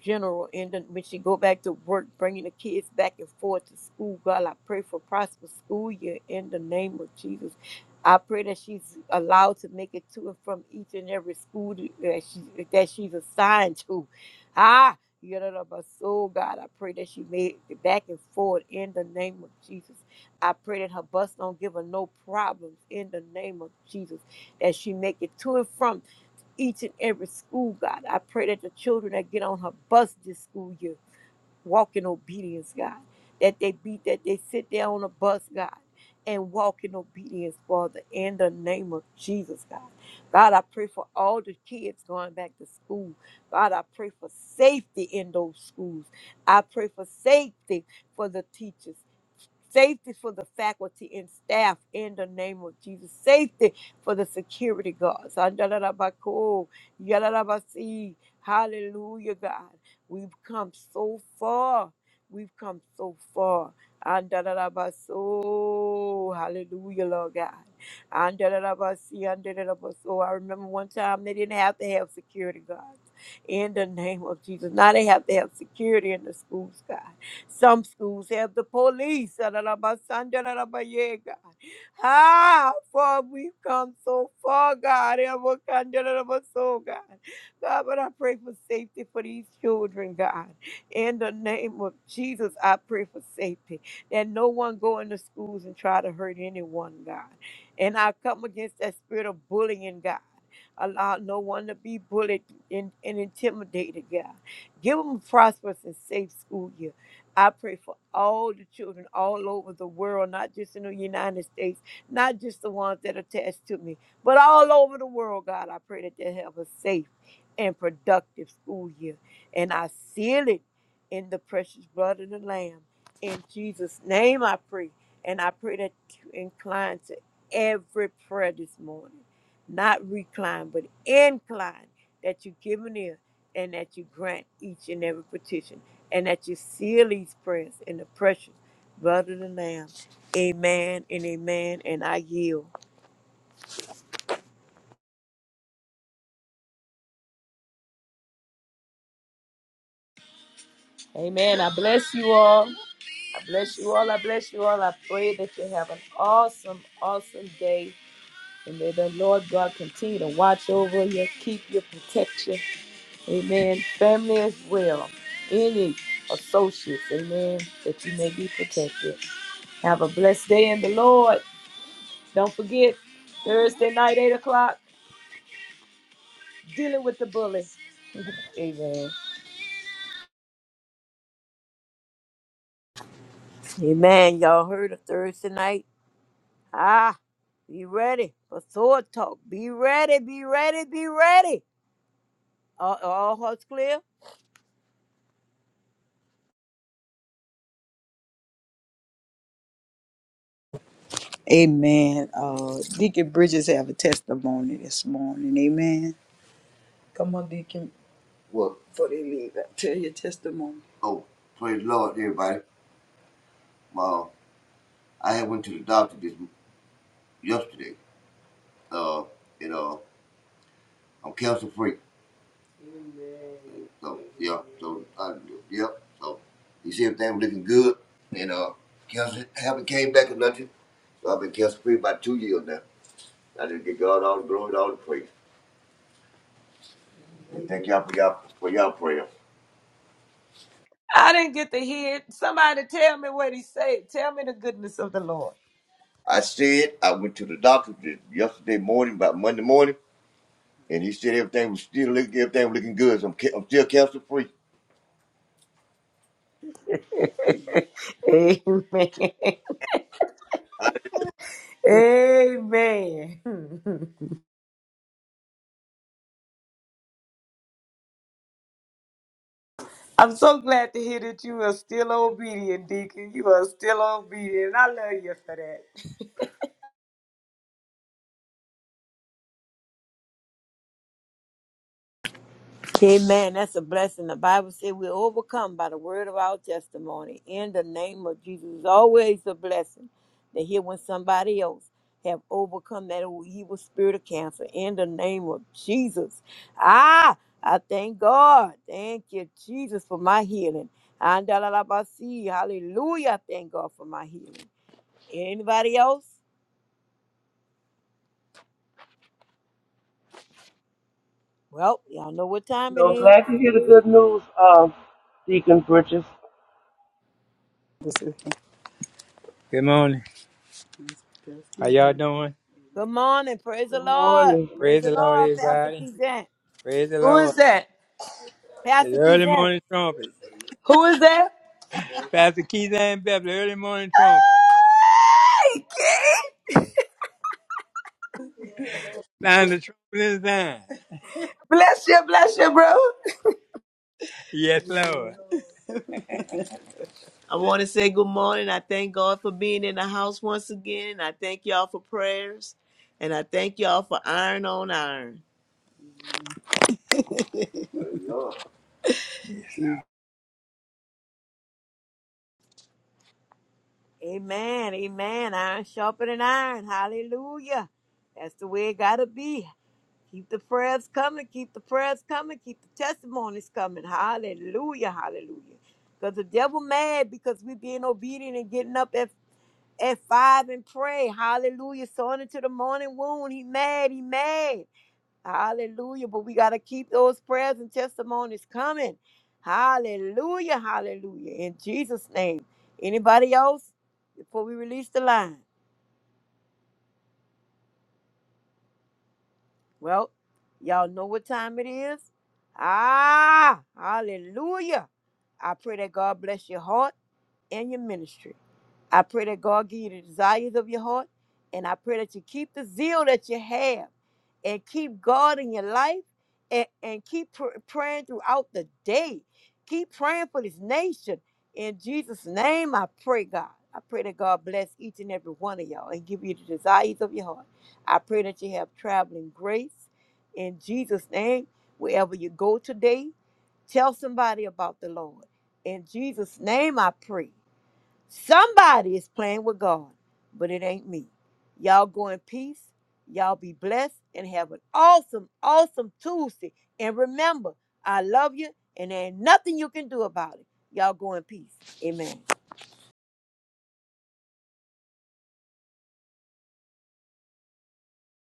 D: general. And then when she go back to work, bringing the kids back and forth to school, God, I pray for prosperous school year in the name of Jesus. I pray that she's allowed to make it to and from each and every school that she that she's assigned to. [LAUGHS] Ah, you know, my soul, God, I pray that she made it back and forth in the name of Jesus. I pray that her bus don't give her no problems in the name of Jesus. That she make it to and from each and every school, God. I pray that the children that get on her bus this school year walk in obedience, God. That they be that they sit there on the bus, God, and walk in obedience, Father, in the name of Jesus, God. God, I pray for all the kids going back to school. God, I pray for safety in those schools. I pray for safety for the teachers. Safety for the faculty and staff in the name of Jesus. Safety for the security guards. Andalabako, yalalabasi. Hallelujah, God. We've come so far. We've come so far. Andalabaso. Hallelujah, Lord God. Andalabasi, andalabaso. I remember one time they didn't have to have security guards in the name of Jesus. Now they have to have security in the schools, God. Some schools have the police. Adalabasandalalabaya, God. How far we've come so far, God. Elwakandalalabaso, God, God, but I pray for safety for these children, God. In the name of Jesus, I pray for safety. That no one go into schools and try to hurt anyone, God. And I come against that spirit of bullying, God. Allow no one to be bullied and, and intimidated, God. Give them a prosperous and safe school year. I pray for all the children all over the world, not just in the United States, not just the ones that are attached to me, but all over the world, God. I pray that they have a safe and productive school year. And I seal it in the precious blood of the Lamb. In Jesus' name I pray. And I pray that you incline to every prayer this morning. Not recline, but incline that you give an ear and that you grant each and every petition and that you seal these prayers in the precious blood of the Lamb. Amen and amen. And I yield.
A: Amen. I bless you all. I bless you all. I bless you all. I pray that you have an awesome, awesome day. And may the Lord God continue to watch over you, keep you, protect you. Amen. Family as well. Any associates, amen, that you may be protected. Have a blessed day in the Lord. Don't forget Thursday night, eight o'clock, dealing with the bully. Amen.
D: Amen. Y'all heard of Thursday night? Ah, be ready for sword talk. Be ready, be ready, be ready. All, all hearts clear?
B: Amen. Uh, Deacon Bridges have a testimony this morning. Amen. Come on, Deacon. Well, Before they leave, tell your testimony. oh, praise the Lord, everybody. Uh, I had went to the doctor this yesterday. Uh, and uh, I'm cancer free. So yeah, so I, yeah, so you see everything was looking good, and uh, cancer haven't came back or nothing. So I've been cancer free about two years now. I just give God all the glory, and all the praise. And Thank y'all for y'all for y'all prayer.
A: I didn't get to hear it. Somebody tell me what he said. Tell me the goodness of the Lord.
B: I said I went to the doctor yesterday morning, about Monday morning, and he said everything was still look, everything looking good. So I'm ca- I'm still cancer free.
A: Amen.
B: I
A: [LAUGHS] Amen. [LAUGHS] I'm so glad to hear that you are still obedient, Deacon. You are still obedient. I love you for that.
D: Amen. That's a blessing. The Bible says we're overcome by the word of our testimony. In the name of Jesus, it's always a blessing to hear when somebody else have overcome that evil spirit of cancer. In the name of Jesus. Ah, I thank God. Thank you, Jesus, for my healing. Andalabasi. Hallelujah. I Thank God for my healing. Anybody else? Well, y'all know what
C: You
D: time it is.
C: glad to hear the good news, uh, Deacon Bridges.
B: Good morning. How y'all doing?
D: Good morning. Praise the
C: Good
D: Lord.
C: morning.
D: Praise
B: Praise
D: the
B: the Lord,
D: Lord, Pastor
B: everybody.
D: Kizan.
B: Praise the
A: Who
B: Lord.
A: is that?
B: It's
D: Pastor
B: early
D: Kizan.
B: morning trumpet.
A: Who is that?
B: Pastor Keith and Beverly, early morning trumpet.
A: Hey, King.
B: Sound the trumpet in the sound.
A: Bless you, bless you, bro.
B: Yes, Lord. I want to say good morning. I thank God for being in the house once again. I thank y'all for prayers. And I thank y'all for iron on iron.
D: Amen. Amen. Iron sharpening iron. Hallelujah. That's the way it gotta be. Keep the prayers coming. Keep the prayers coming. Keep the testimonies coming. Hallelujah. Hallelujah. Because the devil mad because we being obedient and getting up at, at five and pray. Hallelujah. So on into the morning wound. He mad. He mad. Hallelujah. But we got to keep those prayers and testimonies coming. Hallelujah. Hallelujah. In Jesus' name. Anybody else before we release the line? Well, y'all know what time it is. Ah, hallelujah. I pray that God bless your heart and your ministry. I pray that God give you the desires of your heart. And I pray that you keep the zeal that you have and keep God in your life and, and keep pr- praying throughout the day. Keep praying for this nation. In Jesus' name, I pray, God. I pray that God bless each and every one of y'all and give you the desires of your heart. I pray that you have traveling grace. In Jesus' name, wherever you go today, tell somebody about the Lord. In Jesus' name, I pray. Somebody is playing with God, but it ain't me. Y'all go in peace. Y'all be blessed and have an awesome, awesome Tuesday. And remember, I love you, and there ain't nothing you can do about it. Y'all go in peace. Amen.